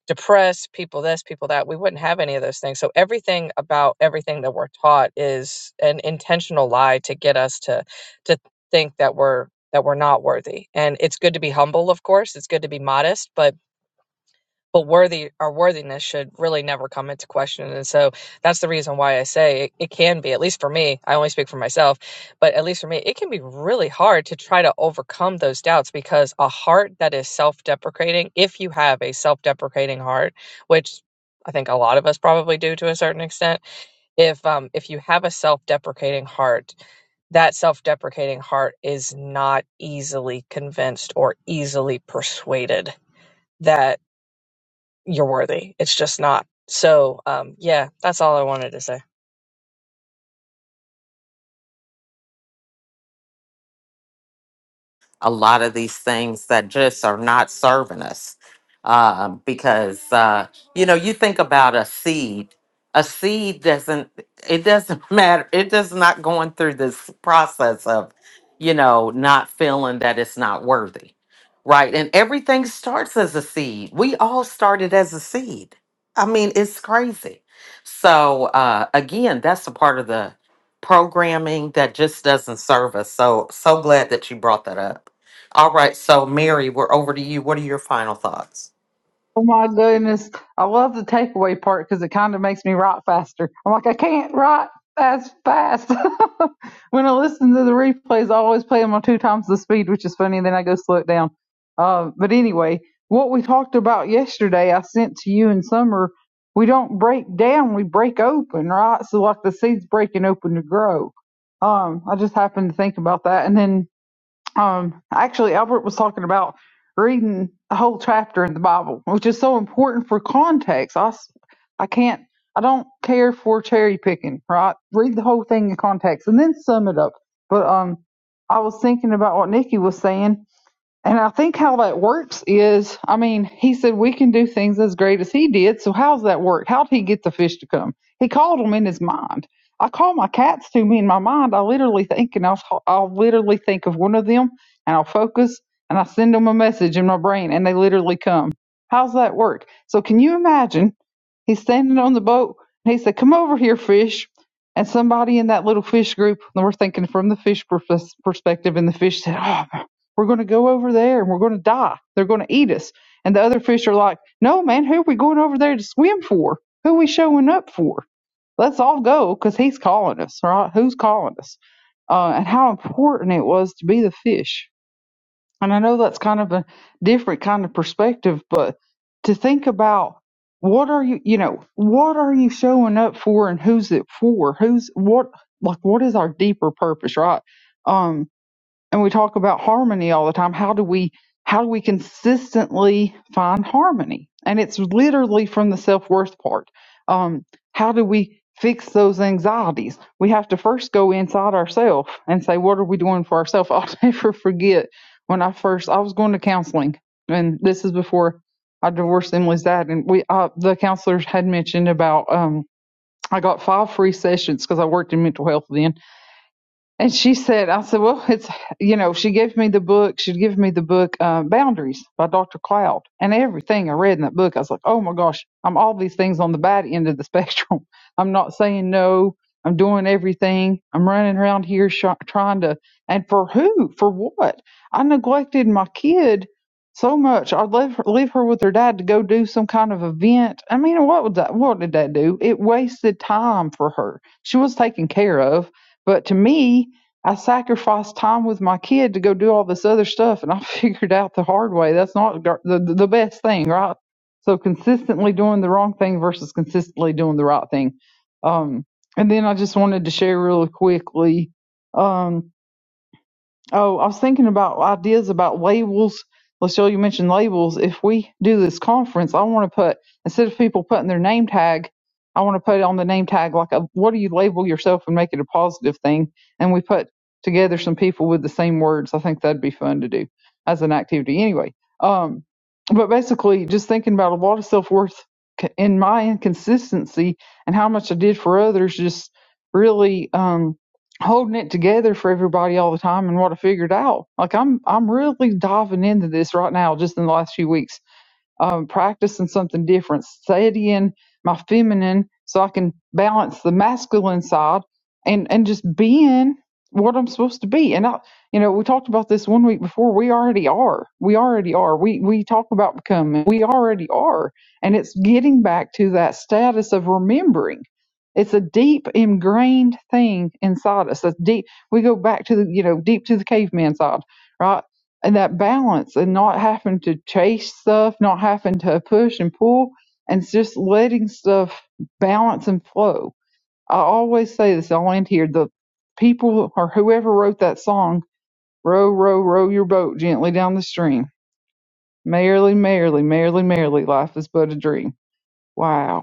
S9: depressed, people this, people that. We wouldn't have any of those things. So everything about everything that we're taught is an intentional lie to get us to to think that we're that we're not worthy. And it's good to be humble, of course. It's good to be modest, but but worthy our worthiness should really never come into question and so that's the reason why i say it, it can be at least for me i only speak for myself but at least for me it can be really hard to try to overcome those doubts because a heart that is self-deprecating if you have a self-deprecating heart which i think a lot of us probably do to a certain extent if um if you have a self-deprecating heart that self-deprecating heart is not easily convinced or easily persuaded that you're worthy. It's just not. So, um, yeah, that's all I wanted to say.
S1: a lot of these things that just are not serving us. Um, because uh, you know, you think about a seed. A seed doesn't it doesn't matter. It does not going through this process of, you know, not feeling that it's not worthy. Right. And everything starts as a seed. We all started as a seed. I mean, it's crazy. So uh again, that's a part of the programming that just doesn't serve us. So so glad that you brought that up. All right, so Mary, we're over to you. What are your final thoughts?
S2: Oh my goodness. I love the takeaway part because it kind of makes me write faster. I'm like, I can't write as fast. when I listen to the replays, I always play them on two times the speed, which is funny. And then I go slow it down. Uh, but anyway, what we talked about yesterday, I sent to you in summer. We don't break down, we break open, right? So, like the seeds breaking open to grow. Um, I just happened to think about that. And then um, actually, Albert was talking about reading a whole chapter in the Bible, which is so important for context. I, s- I can't, I don't care for cherry picking, right? Read the whole thing in context and then sum it up. But um, I was thinking about what Nikki was saying and I think how that works is, I mean, he said we can do things as great as he did. So how's that work? How would he get the fish to come? He called them in his mind. I call my cats to me in my mind. I literally think, and I'll, I'll literally think of one of them, and I'll focus, and I send them a message in my brain, and they literally come. How's that work? So can you imagine He's standing on the boat and he said, Come over here, fish. And somebody in that little fish group, and we're thinking from the fish perspective, and the fish said, Oh, we're going to go over there and we're going to die. They're going to eat us. And the other fish are like, No, man, who are we going over there to swim for? Who are we showing up for? Let's all go because he's calling us, right? Who's calling us? Uh, and how important it was to be the fish and I know that's kind of a different kind of perspective, but to think about what are you, you know, what are you showing up for and who's it for? Who's what, like, what is our deeper purpose, right? Um, and we talk about harmony all the time how do we how do we consistently find harmony and it's literally from the self-worth part um, how do we fix those anxieties we have to first go inside ourselves and say what are we doing for ourselves i'll never forget when i first i was going to counseling and this is before i divorced emily's dad and we uh, the counselors had mentioned about um, i got five free sessions because i worked in mental health then and she said, I said, well, it's, you know, she gave me the book. She'd give me the book, uh, Boundaries by Dr. Cloud. And everything I read in that book, I was like, oh my gosh, I'm all these things on the bad end of the spectrum. I'm not saying no. I'm doing everything. I'm running around here sh- trying to, and for who? For what? I neglected my kid so much. I'd leave her, leave her with her dad to go do some kind of event. I mean, what would that, what did that do? It wasted time for her. She was taken care of. But to me, I sacrificed time with my kid to go do all this other stuff, and I figured out the hard way that's not gar- the the best thing, right? So consistently doing the wrong thing versus consistently doing the right thing. Um, and then I just wanted to share really quickly. Um, Oh, I was thinking about ideas about labels. Lucille, you mentioned labels. If we do this conference, I want to put instead of people putting their name tag, I want to put it on the name tag like a, what do you label yourself and make it a positive thing. And we put together some people with the same words. I think that'd be fun to do as an activity. Anyway, um, but basically, just thinking about a lot of self worth in my inconsistency and how much I did for others, just really. Um, holding it together for everybody all the time and what I figured out. Like I'm I'm really diving into this right now just in the last few weeks um, practicing something different, studying my feminine so I can balance the masculine side and, and just being what I'm supposed to be. And I, you know, we talked about this one week before. We already are. We already are. We, we talk about becoming. We already are. And it's getting back to that status of remembering. It's a deep ingrained thing inside us. That's deep. We go back to the, you know, deep to the caveman side, right? and that balance and not having to chase stuff, not having to push and pull, and it's just letting stuff balance and flow. I always say this, I'll end here. The people or whoever wrote that song, row, row, row your boat gently down the stream. Merrily, merrily, merrily, merrily, life is but a dream. Wow.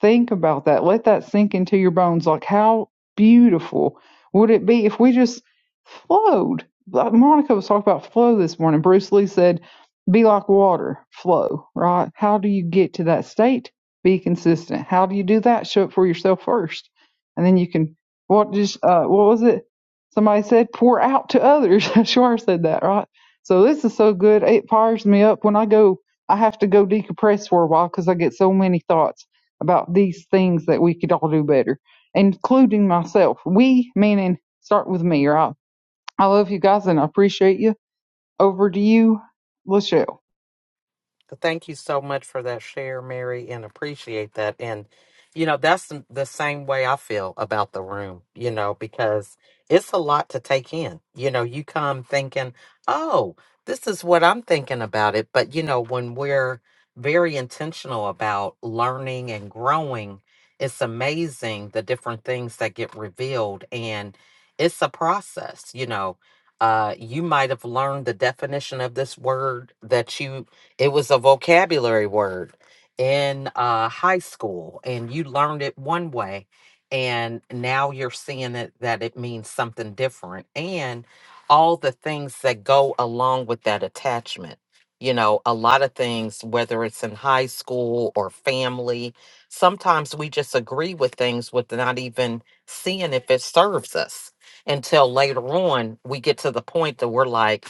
S2: Think about that. Let that sink into your bones. Like, how beautiful would it be if we just flowed? Like Monica was talking about flow this morning. Bruce Lee said, be like water, flow, right? How do you get to that state? Be consistent. How do you do that? Show it for yourself first. And then you can, what just, uh, what was it? Somebody said, pour out to others. Shar said that, right? So this is so good. It fires me up when I go I have to go decompress for a while because I get so many thoughts about these things that we could all do better, including myself. We, meaning, start with me, right? I love you guys and I appreciate you. Over to you, Lachelle.
S1: So Thank you so much for that share, Mary, and appreciate that. And, you know, that's the the same way I feel about the room, you know, because it's a lot to take in. You know, you come thinking, oh, this is what I'm thinking about it. But, you know, when we're very intentional about learning and growing, it's amazing the different things that get revealed. And it's a process, you know. Uh, you might have learned the definition of this word that you it was a vocabulary word in uh, high school, and you learned it one way, and now you're seeing it that it means something different, and all the things that go along with that attachment. You know, a lot of things, whether it's in high school or family, sometimes we just agree with things with not even seeing if it serves us until later on we get to the point that we're like,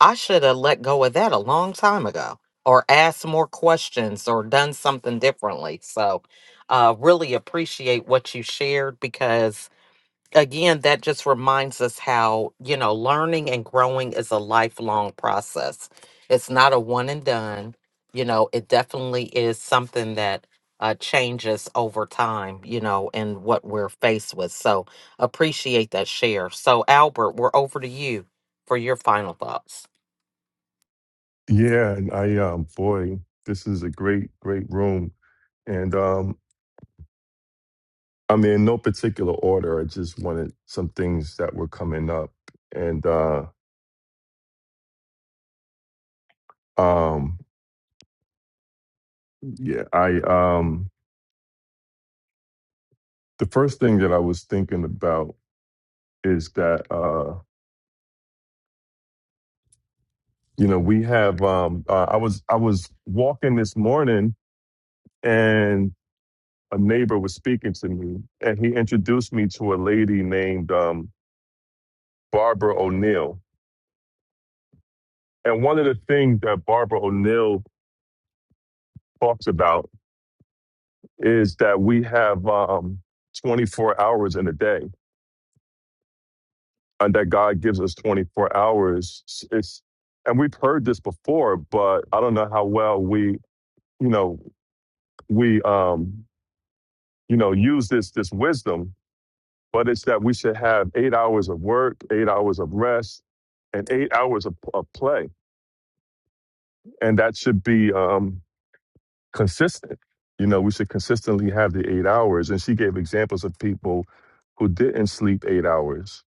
S1: I should have let go of that a long time ago or asked more questions or done something differently. So, uh, really appreciate what you shared because, again, that just reminds us how, you know, learning and growing is a lifelong process. It's not a one and done. You know, it definitely is something that uh, changes over time, you know, and what we're faced with. So, appreciate that share. So, Albert, we're over to you for your final thoughts.
S3: Yeah, and I um, boy, this is a great, great room, and um, I mean, in no particular order. I just wanted some things that were coming up, and uh, um, yeah, I um, the first thing that I was thinking about is that you know we have um uh, i was i was walking this morning and a neighbor was speaking to me and he introduced me to a lady named um barbara o'neill and one of the things that barbara o'neill talks about is that we have um 24 hours in a day and that god gives us 24 hours it's and we've heard this before but i don't know how well we you know we um you know use this this wisdom but it's that we should have eight hours of work, eight hours of rest, and eight hours of, of play, and that should be um, consistent. You know, we should consistently have the eight hours. And she gave examples of people who didn't sleep eight hours,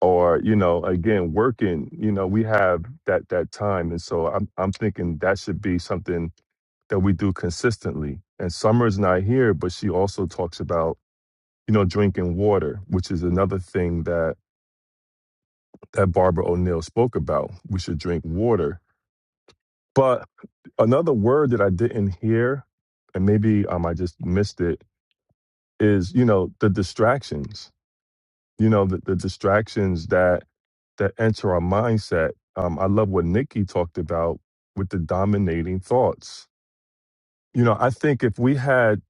S3: or you know, again, working. You know, we have that that time, and so I'm I'm thinking that should be something that we do consistently. And Summer's not here, but she also talks about you know drinking water, which is another thing that that Barbara O'Neill spoke about. We should drink water. But another word that I didn't hear, and maybe um, I just missed it, is you know the distractions. You know the, the distractions that that enter our mindset. Um, I love what Nikki talked about with the dominating thoughts. You know, I think if we had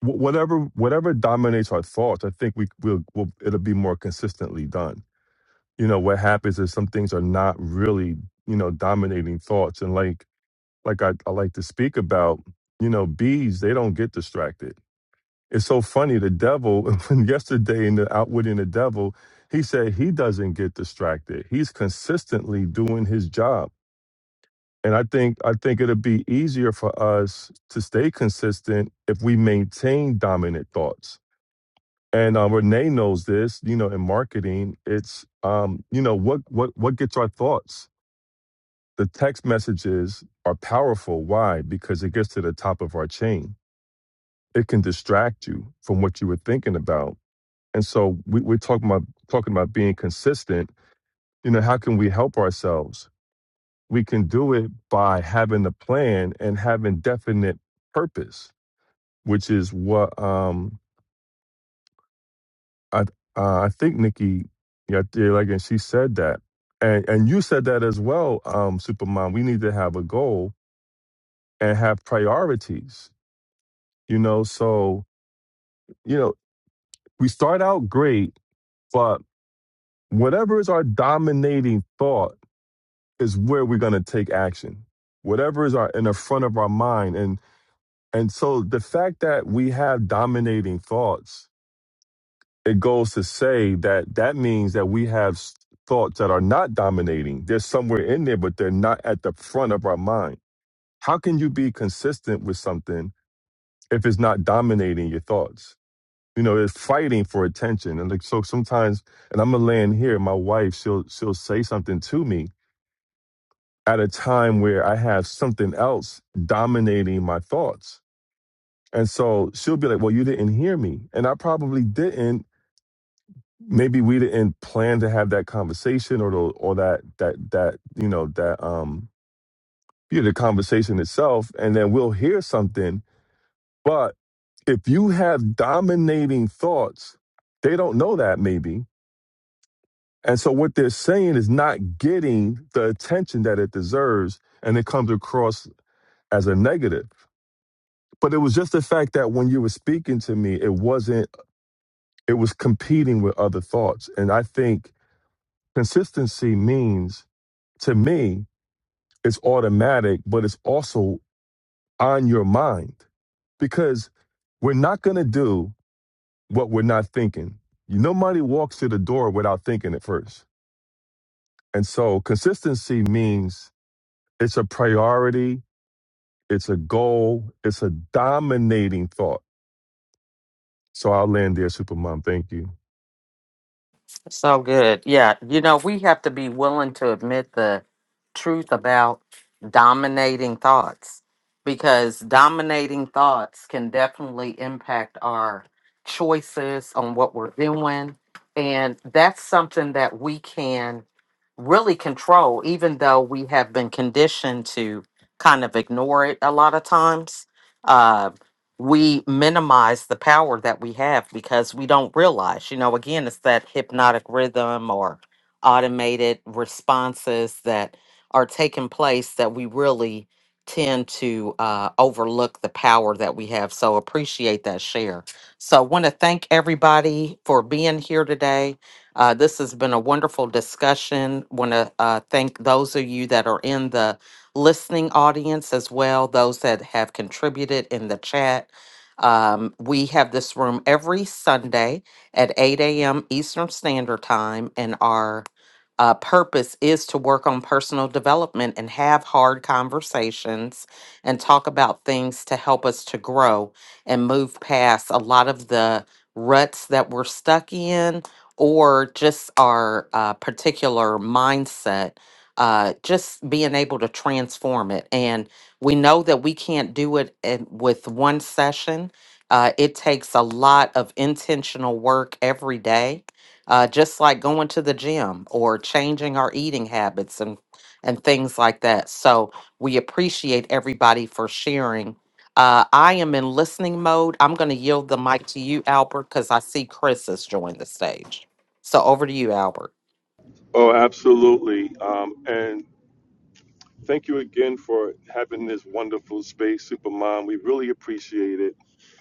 S3: wh- whatever whatever dominates our thoughts, I think we will we'll, it'll be more consistently done you know what happens is some things are not really you know dominating thoughts and like like I, I like to speak about you know bees they don't get distracted it's so funny the devil when yesterday in the outwitting the devil he said he doesn't get distracted he's consistently doing his job and i think i think it'll be easier for us to stay consistent if we maintain dominant thoughts and uh, Renee knows this, you know, in marketing, it's um, you know, what what what gets our thoughts? The text messages are powerful. Why? Because it gets to the top of our chain. It can distract you from what you were thinking about. And so we, we're talking about talking about being consistent. You know, how can we help ourselves? We can do it by having a plan and having definite purpose, which is what um, I uh, I think Nikki got there. Like, and she said that, and and you said that as well, um, Superman. We need to have a goal and have priorities You know, so, you know, we start out great, but whatever is our dominating thought is where we're going to take action. Whatever is our in the front of our mind and and so the fact that we have dominating thoughts, it goes to say that that means that we have s- thoughts that are not dominating. They're somewhere in there, but they're not at the front of our mind. How can you be consistent with something if it's not dominating your thoughts? you know, it's fighting for attention. And like, so sometimes, and I'm gonna land here, my wife, she'll, she'll say something to me at a time where I have something else dominating my thoughts. And so she'll be like, well, you didn't hear me. And I probably didn't. Maybe we didn't plan to have that conversation or the, or that, that, that, you know, that, um, you know, the conversation itself. And then we'll hear something. But if you have dominating thoughts, they don't know that maybe And so what they're saying is not getting the attention that it deserves, and it comes across as a negative. But it was just the fact that when you were speaking to me, it wasn't, it was competing with other thoughts. And I think consistency means, to me, it's automatic, but it's also on your mind because we're not going to do what we're not thinking. Nobody walks through the door without thinking it first. And so consistency means it's a priority It's a goal. It's a dominating thought. So I'll land there, Supermom. Thank you.
S1: So good. Yeah. You know, we have to be willing to admit the truth about dominating thoughts because dominating thoughts can definitely impact our choices on what we're doing. And that's something that we can really control, even though we have been conditioned to kind of ignore it a lot of times. Uh, we minimize the power that we have because we don't realize, you know, again, it's that hypnotic rhythm or automated responses that are taking place that we really tend to uh, overlook the power that we have. So appreciate that share. So want to thank everybody for being here today. Uh, this has been a wonderful discussion. Want to uh, thank those of you that are in the listening audience as well, those that have contributed in the chat um, we have this room every Sunday at 8 a.m. Eastern Standard Time, and our uh, purpose is to work on personal development and have hard conversations and talk about things to help us to grow and move past a lot of the ruts that we're stuck in or just our uh, particular mindset. Uh, just being able to transform it. And we know that we can't do it in, with one session uh, it takes a lot of intentional work every day, uh, just like going to the gym or changing our eating habits and, and things like that. So we appreciate everybody for sharing. Uh, I am in listening mode. I'm going to yield the mic to you, Albert, because I see Chris has joined the stage. So over to you, Albert.
S3: Oh, absolutely. Um, and thank you again for having this wonderful space, Supermom. We really appreciate it.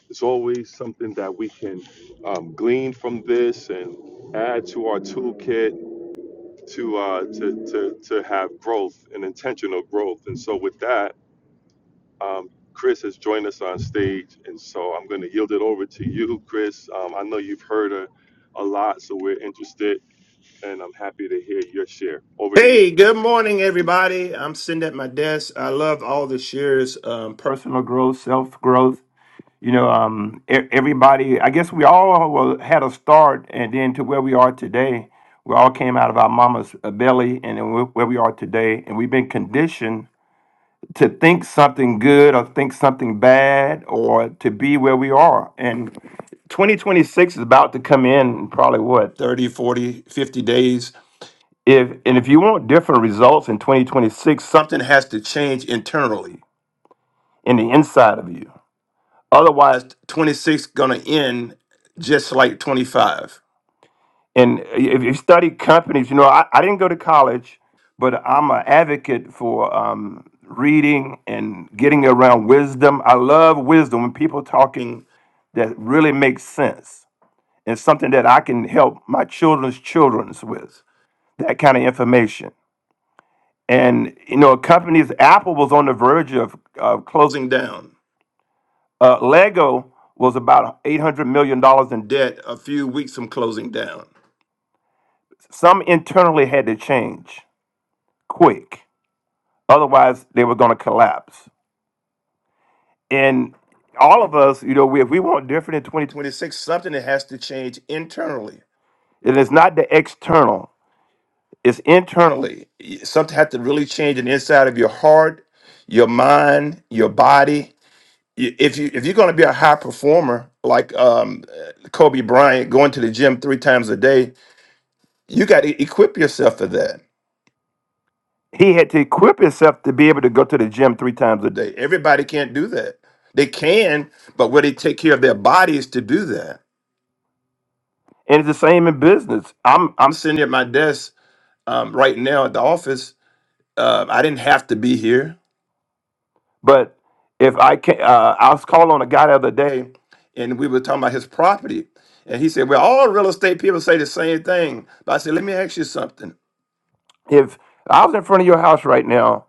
S3: It's always something that we can um, glean from this and add to our toolkit to, uh, to, to, to have growth and intentional growth. And so, with that, Um, Chris has joined us on stage, and so I'm going to yield it over to you, Chris. Um, I know you've heard a, a lot, so we're interested, and I'm happy to hear your share. Over to you.
S10: Hey, good morning, everybody. I'm sitting at my desk. I love all the shares, um, personal growth, self growth. You know, um, e- everybody. I guess we all were- had a start, and then to where we are today. We all came out of our mama's uh, belly, and then we're- where we are today. And we've been conditioned to think something good, or think something bad, or to be where we are. And 2026 is about to come in probably what 30 40 50 days if and if you want different results in 2026, something has to change internally in the inside of you. Otherwise, 26 gonna end just like 25. And if you study companies, you know, I, I didn't go to college, but I'm an advocate for um, reading and getting around wisdom. I love wisdom when people talking that really makes sense and something that I can help my children's childrens with. That kind of information. and you know companies apple was on the verge of uh, closing down uh, lego was about 800 million dollars in debt a few weeks from closing down some internally had to change quick otherwise they were going to collapse and all of us you know we, if we want different in 2026 something that has to change internally it is not the external it's internally Y- something has to really change on the inside of your heart your mind your body you- if you if you're going to be a high performer like um, uh, Kobe Bryant, going to the gym three times a day, you got to equip yourself for that. He had to equip himself to be able to go to the gym three times a day. Everybody can't do that. They can, but will they take care of their bodies to do that? And it's the same in business. I'm I'm I'm sitting at my desk um, right now at the office. Uh, I didn't have to be here. But if I can, uh, I was calling on a guy the other day, and we were talking about his property, and he said, "Well, all real estate people say the same thing." But I said, "Let me ask you something. If I was in front of your house right now,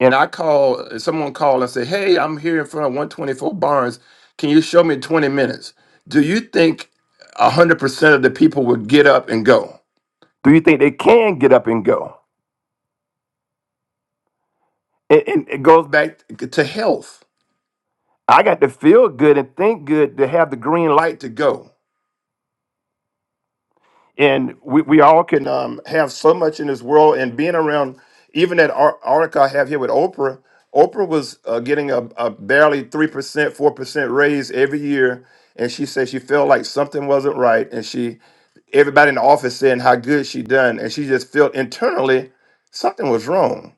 S10: and I call someone called and said, 'Hey, I'm here in front of 124 Barnes. Can you show me 20 minutes?" Do you think 100% of the people would get up and go? Do you think they can get up and go? It, it it goes back to health I got to feel good and think good to have the green light to go. And we, we all can um, have so much in this world and being around, even that ar- article I have here with Oprah, Oprah was uh, getting a, a barely 3%, 4% raise every year. And she said she felt like something wasn't right. And she, everybody in the office saying how good she done. And she just felt internally something was wrong.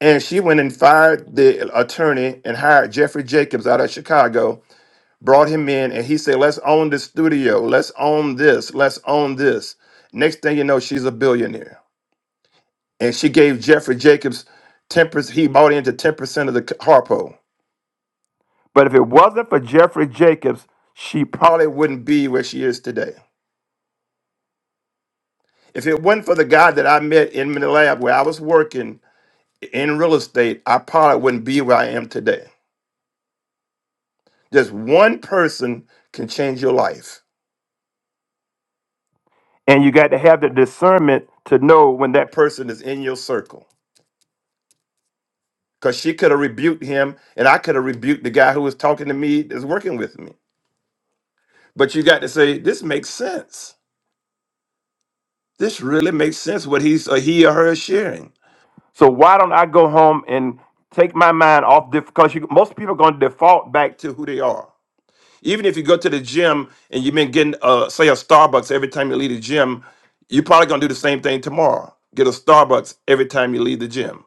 S10: And she went and fired the attorney and hired Jeffrey Jacobs out of Chicago brought him in and he said, let's own the studio. Let's own this. Let's own this. Next thing you know, she's a billionaire. And she gave Jeffrey Jacobs 10%. He bought into 10% of the Harpo. But if it wasn't for Jeffrey Jacobs, she probably wouldn't be where she is today. If it wasn't for the guy that I met in the lab where I was working in real estate, I probably wouldn't be where I am today. Just one person can change your life. And you got to have the discernment to know when that person is in your circle. because she could have rebuked him and I could have rebuked the guy who was talking to me that's working with me. But you got to say, this makes sense. This really makes sense what he's or he or her is sharing. So why don't I go home and take my mind off because you, most people are going to default back to who they are. Even if you go to the gym and you've been getting, uh, say, a Starbucks every time you leave the gym, you're probably going to do the same thing tomorrow. Get a Starbucks every time you leave the gym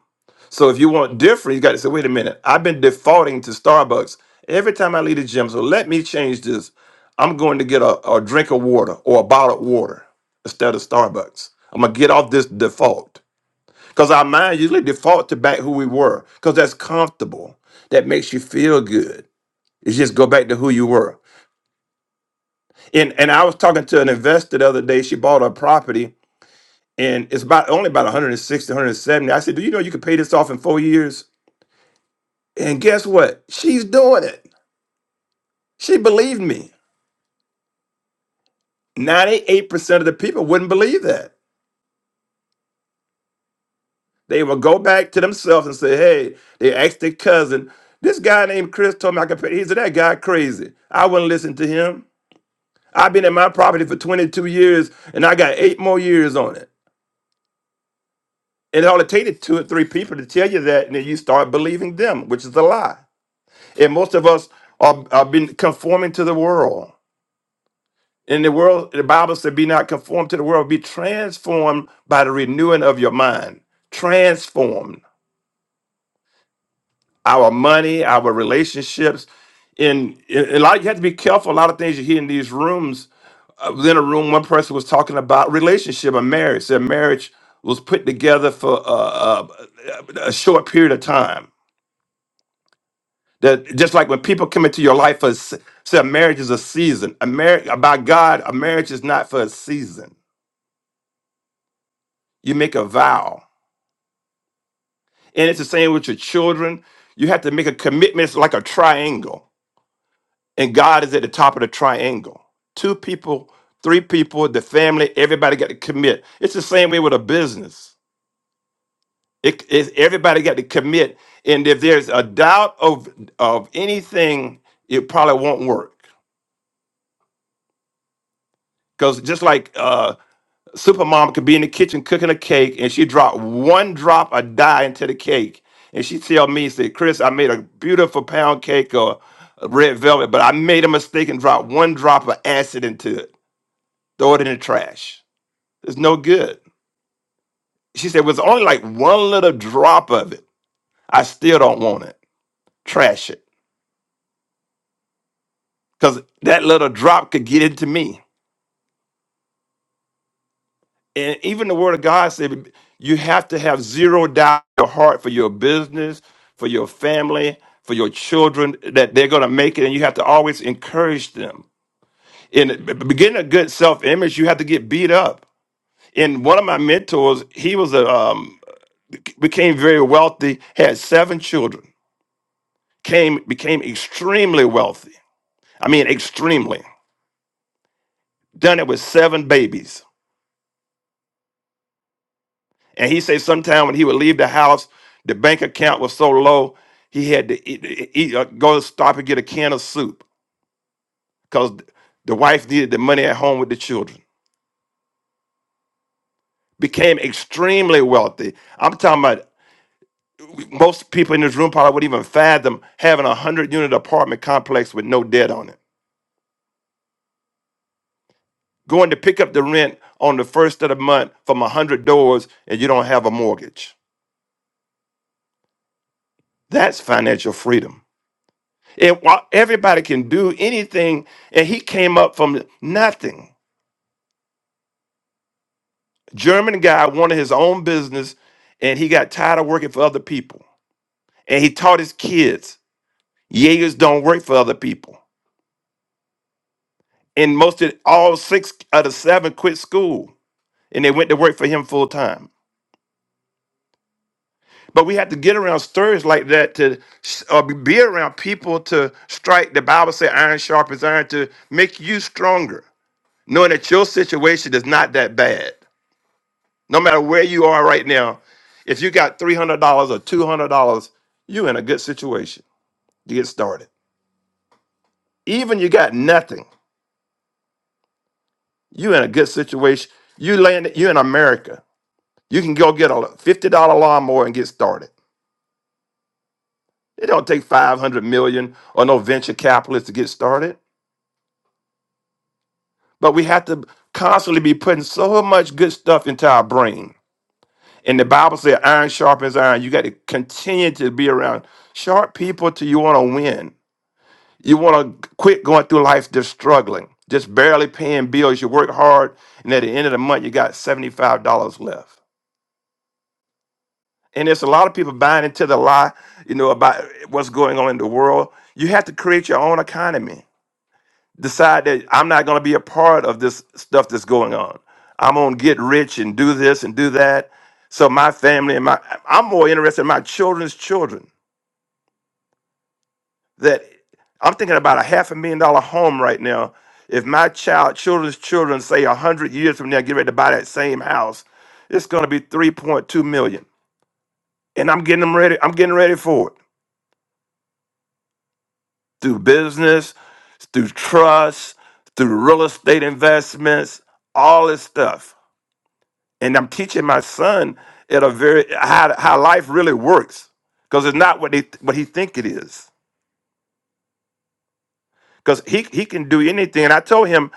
S10: So if you want different, you got to say, wait a minute, I've been defaulting to Starbucks every time I leave the gym. So let me change this. I'm going to get a, a drink of water or a bottle of water instead of Starbucks. I'm gonna get off this default. Because our mind usually default to back who we were, because that's comfortable. That makes you feel good. It's just go back to who you were. And and I was talking to an investor the other day. She bought a property and it's about only about 160, 170. I said, Do you know you could pay this off in four years? And guess what? She's doing it. She believed me. 98% of the people wouldn't believe that. They would go back to themselves and say, hey, they asked their cousin, this guy named Chris told me I could pay. He said, that guy crazy. I wouldn't listen to him. I've been in my property for 22 years and I got eight more years on it. And all it only takes two or three people to tell you that, and then you start believing them, which is a lie. And most of us are, are been conforming to the world. In the world, the Bible said, be not conformed to the world, be transformed by the renewing of your mind. Transformed our money, our relationships. And, and a lot, you have to be careful. A lot of things you hear in these rooms. Uh, within a room, one person was talking about relationship and marriage. Said marriage was put together for uh, uh, a short period of time. That just like when people come into your life, for a se- say a marriage is a season. A marriage by God, a marriage is not for a season. You make a vow And it's the same with your children. You have to make a commitment. It's like a triangle, and God is at the top of the triangle. Two people, three people, the family, everybody got to commit. It's the same way with a business. It, it's- everybody got to commit. And if there's a doubt of of anything, it probably won't work. Because just like uh, Supermom could be in the kitchen cooking a cake and she dropped one drop of dye into the cake. And she tell me, say, Chris, I made a beautiful pound cake or a red velvet, but I made a mistake and dropped one drop of acid into it. Throw it in the trash. It's no good. She said, it was only like one little drop of it. I still don't want it. Trash it. Because that little drop could get into me. and even the word of God said you have to have zero doubt in your heart for your business, for your family, for your children that they're going to make it, and you have to always encourage them. In getting a good self image, you have to get beat up. And one of my mentors, he was a um, became very wealthy, had seven children, came became extremely wealthy. I mean, extremely. Done it with seven babies And he said sometime when he would leave the house, the bank account was so low he had to eat, eat, uh, go stop and get a can of soup because the wife needed the money at home with the children. Became extremely wealthy. I'm talking about most people in this room probably wouldn't even fathom having a hundred unit apartment complex with no debt on it. Going to pick up the rent on the first of the month from a hundred doors and you don't have a mortgage. That's financial freedom. It, wa- everybody can do anything, and he came up from nothing. German guy wanted his own business, and he got tired of working for other people. And he taught his kids, Jaegers don't work for other people. And most of all six out of seven quit school, and they went to work for him full time. But we have to get around stories like that to s- or be be around people to strike. The Bible says, "Iron sharpens iron," to make you stronger, knowing that your situation is not that bad No matter where you are right now, if you got $300 or $200, you in a good situation to get started. Even you got nothing, you in a good situation. You landed. you in America. You can go get a $50 lawnmower and get started. It don't take 500 million or no venture capitalists to get started. But we have to constantly be putting so much good stuff into our brain. And the Bible says iron sharpens iron. You got to continue to be around sharp people till you want to win You want to quit going through life just struggling, just barely paying bills. You work hard, and at the end of the month, you got $75 left. And there's a lot of people buying into the lie, you know, about what's going on in the world. You have to create your own economy. Decide that I'm not going to be a part of this stuff that's going on. I'm going to get rich and do this and do that. So my family and my, I'm more interested in my children's children that I'm thinking about a half a million dollar home right now. If my child, children's children, say a hundred years from now, get ready to buy that same house, it's going to be 3.2 million. And I'm getting them ready. I'm getting ready for it through business, through trust, through real estate investments, all this stuff. And I'm teaching my son at a very how how life really works because it's not what he what he think it is. Because he he can do anything. And I told him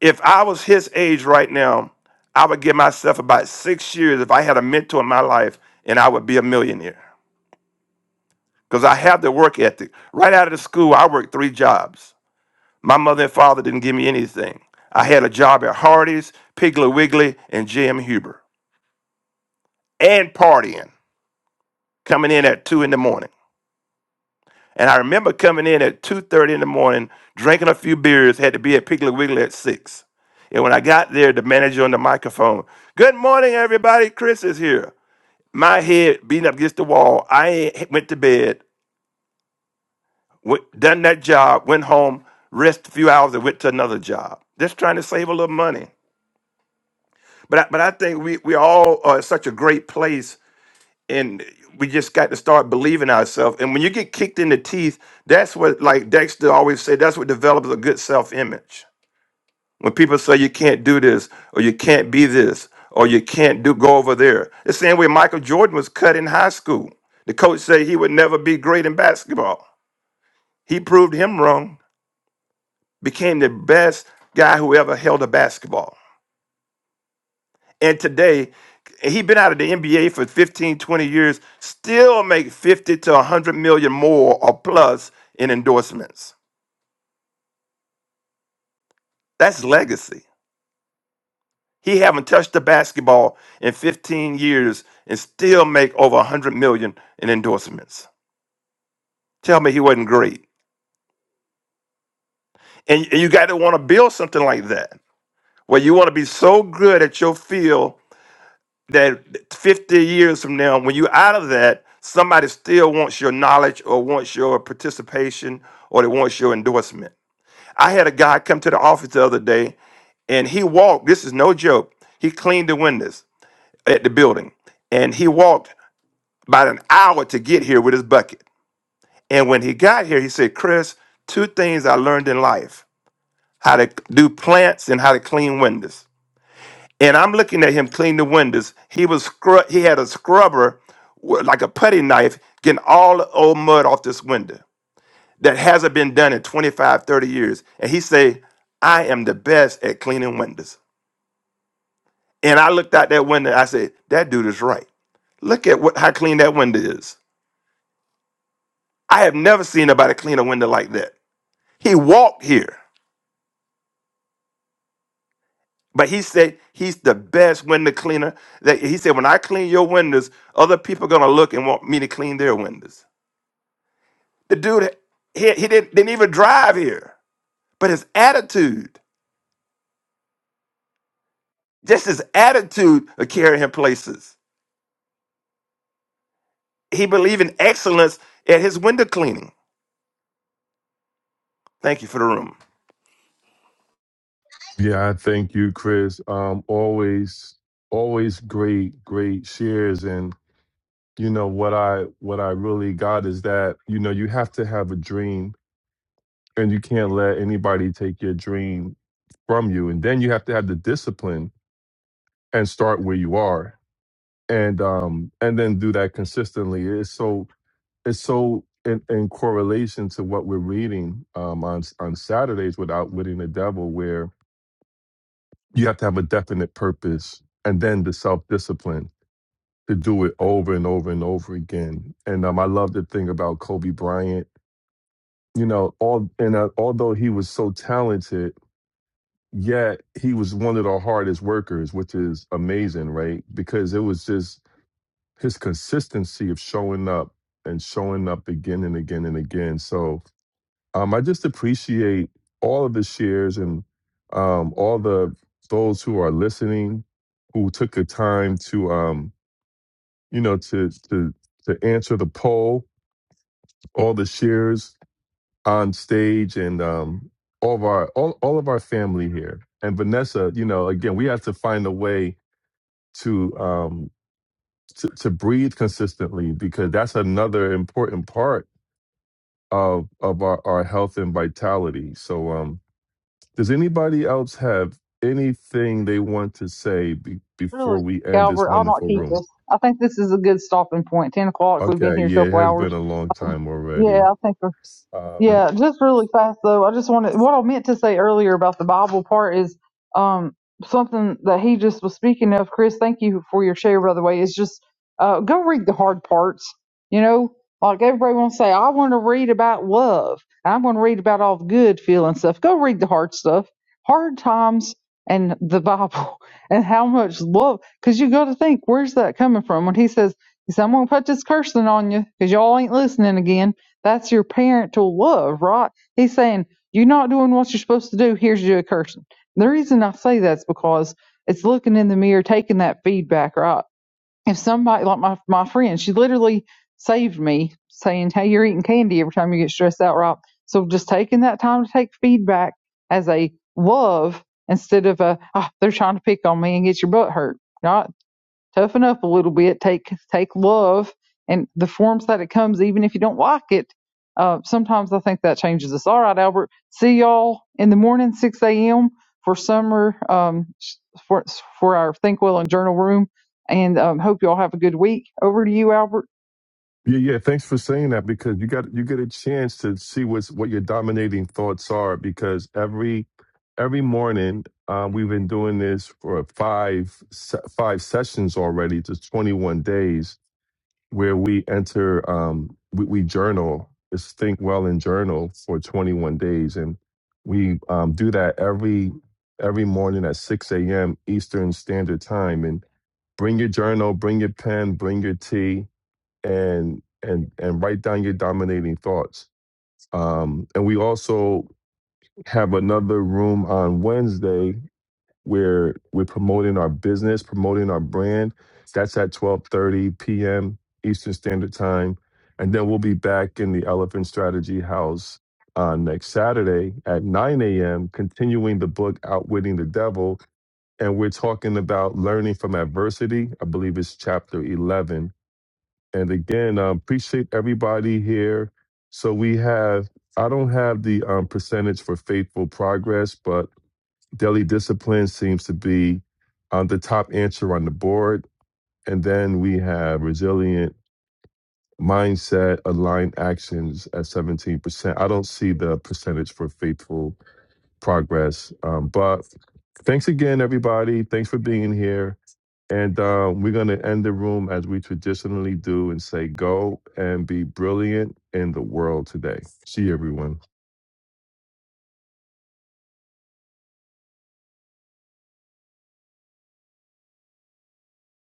S10: if I was his age right now, I would give myself about six years if I had a mentor in my life and I would be a millionaire. Because I have the work ethic. Right out of the school, I worked three jobs. My mother and father didn't give me anything. I had a job at Hardee's, Piggly Wiggly, and J.M. Huber. And partying, coming in at 2 in the morning. And I remember coming in at 2.30 in the morning, drinking a few beers, had to be at Piggly Wiggly at 6. And when I got there, the manager on the microphone, good morning, everybody. Chris is here. my head beating up against the wall. I ain't- went to bed, went, done that job, went home, rest a few hours, and went to another job. Just trying to save a little money. But I, but I think we we all are in such a great place, and we just got to start believing ourselves. And when you get kicked in the teeth, that's what like Dexter always said. That's what develops a good self image When people say you can't do this, or you can't be this, or you can't do go over there, the same way Michael Jordan was cut in high school. The coach said he would never be great in basketball. He proved him wrong, became the best guy who ever held a basketball. And today, he's been out of the NBA for 15, 20 years, still make 50 to 100 million more or plus in endorsements. That's legacy. He haven't touched the basketball in 15 years and still make over 100 million in endorsements. Tell me he wasn't great. And, and you got to want to build something like that, where you want to be so good at your field that 50 years from now, when you're out of that, somebody still wants your knowledge or wants your participation or they wants your endorsement. I had a guy come to the office the other day and he walked. This is no joke. He cleaned the windows at the building, and he walked. about an hour to get here with his bucket. And when he got here, he said, Chris, two things I learned in life how to do plants and how to clean windows. And I'm looking at him clean the windows. He was scrub, he had a scrubber with like a putty knife getting all the old mud off this window that hasn't been done in 25, 30 years. And he said, I am the best at cleaning windows. And I looked out that window I said, that dude is right. Look at what how clean that window is. I have never seen nobody clean a window like that. He walked here, but he said he's the best window cleaner. That he said, when I clean your windows, other people are gonna look and want me to clean their windows. The dude, he, he didn't, didn't even drive here, but his attitude, just his attitude, of carrying him places. He believed in excellence at his window cleaning. Thank you for the room.
S3: Yeah, I thank you, Chris. Um, always, always great, great shares. And you know what I what I really got is that you know you have to have a dream, and you can't let anybody take your dream from you. And then you have to have the discipline and start where you are. and um and then do that consistently it's so it's so in, in correlation to what we're reading um on on saturdays with outwitting the devil where you have to have a definite purpose and then the self-discipline to do it over and over and over again and um i love the thing about kobe bryant you know all and uh, although he was so talented yet he was one of the hardest workers which is amazing right because it was just his consistency of showing up and showing up again and again and again. So um, I just appreciate all of the shares and um, all the those who are listening, who took the time to um, you know to to to answer the poll, all the shares on stage, and um, all of our all, all of our family here. And Vanessa, you know, again, we have to find a way to um, to, to breathe consistently because that's another important part of of our, our health and vitality. So, um, does anybody else have anything they want to say be- before
S2: Really,
S3: we end this
S2: Albert, I'll not
S3: wonderful
S2: keep
S3: room?
S2: this. I think this is a good stopping point. 10 o'clock, we've been
S3: Okay,
S2: here a
S3: yeah, it
S2: couple
S3: has been
S2: hours.
S3: a long time
S2: Yeah,
S3: already.
S2: I think.
S3: Um,
S2: Yeah, just really fast though. I just wanted what I meant to say earlier about the Bible part is um something that he just was speaking of. Chris, thank you for your share by the way. Is just uh go read the hard parts. You know, like everybody wants to say, I want to read about love. and I'm going to read about all the good feeling stuff. Go read the hard stuff, hard times, and the Bible, and how much love. Because you got to think, where's that coming from? When he says, he said, I'm going to put this cursing on you because y'all ain't listening again that's your parental love, right? He's saying, You're not doing what you're supposed to do. Here's your cursing. The reason I say that's because it's looking in the mirror, taking that feedback, right? If somebody, like my, my friend, she literally saved me saying, Hey, you're eating candy every time you get stressed out, right? So just taking that time to take feedback as a love instead of a, oh, they're trying to pick on me and get your butt hurt, right? toughen up a little bit take take love and the forms that it comes even if you don't like it uh, sometimes i think that changes us all right albert see y'all in the morning 6 a.m for summer um, for for our think well and journal room and um, hope y'all have a good week over to you albert
S3: yeah, yeah. Thanks for saying that because you got you get a chance to see what's what your dominating thoughts are because every every morning um, we've been doing this for five se- five sessions already, to twenty one days where we enter um we, we journal is think well and journal for 21 days and we um, do that every every morning at 6 a.m eastern standard time and bring your journal bring your pen bring your tea and and and write down your dominating thoughts um and we also have another room on wednesday we're we're promoting our business, promoting our brand. That's at 12:30 p.m. Eastern Standard Time, and then we'll be back in the Elephant Strategy House uh, next Saturday at 9 a.m. Continuing the book Outwitting the Devil, and we're talking about learning from adversity. I believe it's chapter 11. And again, uh, appreciate everybody here. So we have I don't have the um, percentage for faithful progress, but Daily Discipline seems to be on the top answer on the board. And then we have Resilient Mindset Aligned Actions at 17%. I don't see the percentage for Faithful Progress. Um, but thanks again, everybody. Thanks for being here. And uh, we're going to end the room as we traditionally do and say, go and be brilliant in the world today. See you, everyone.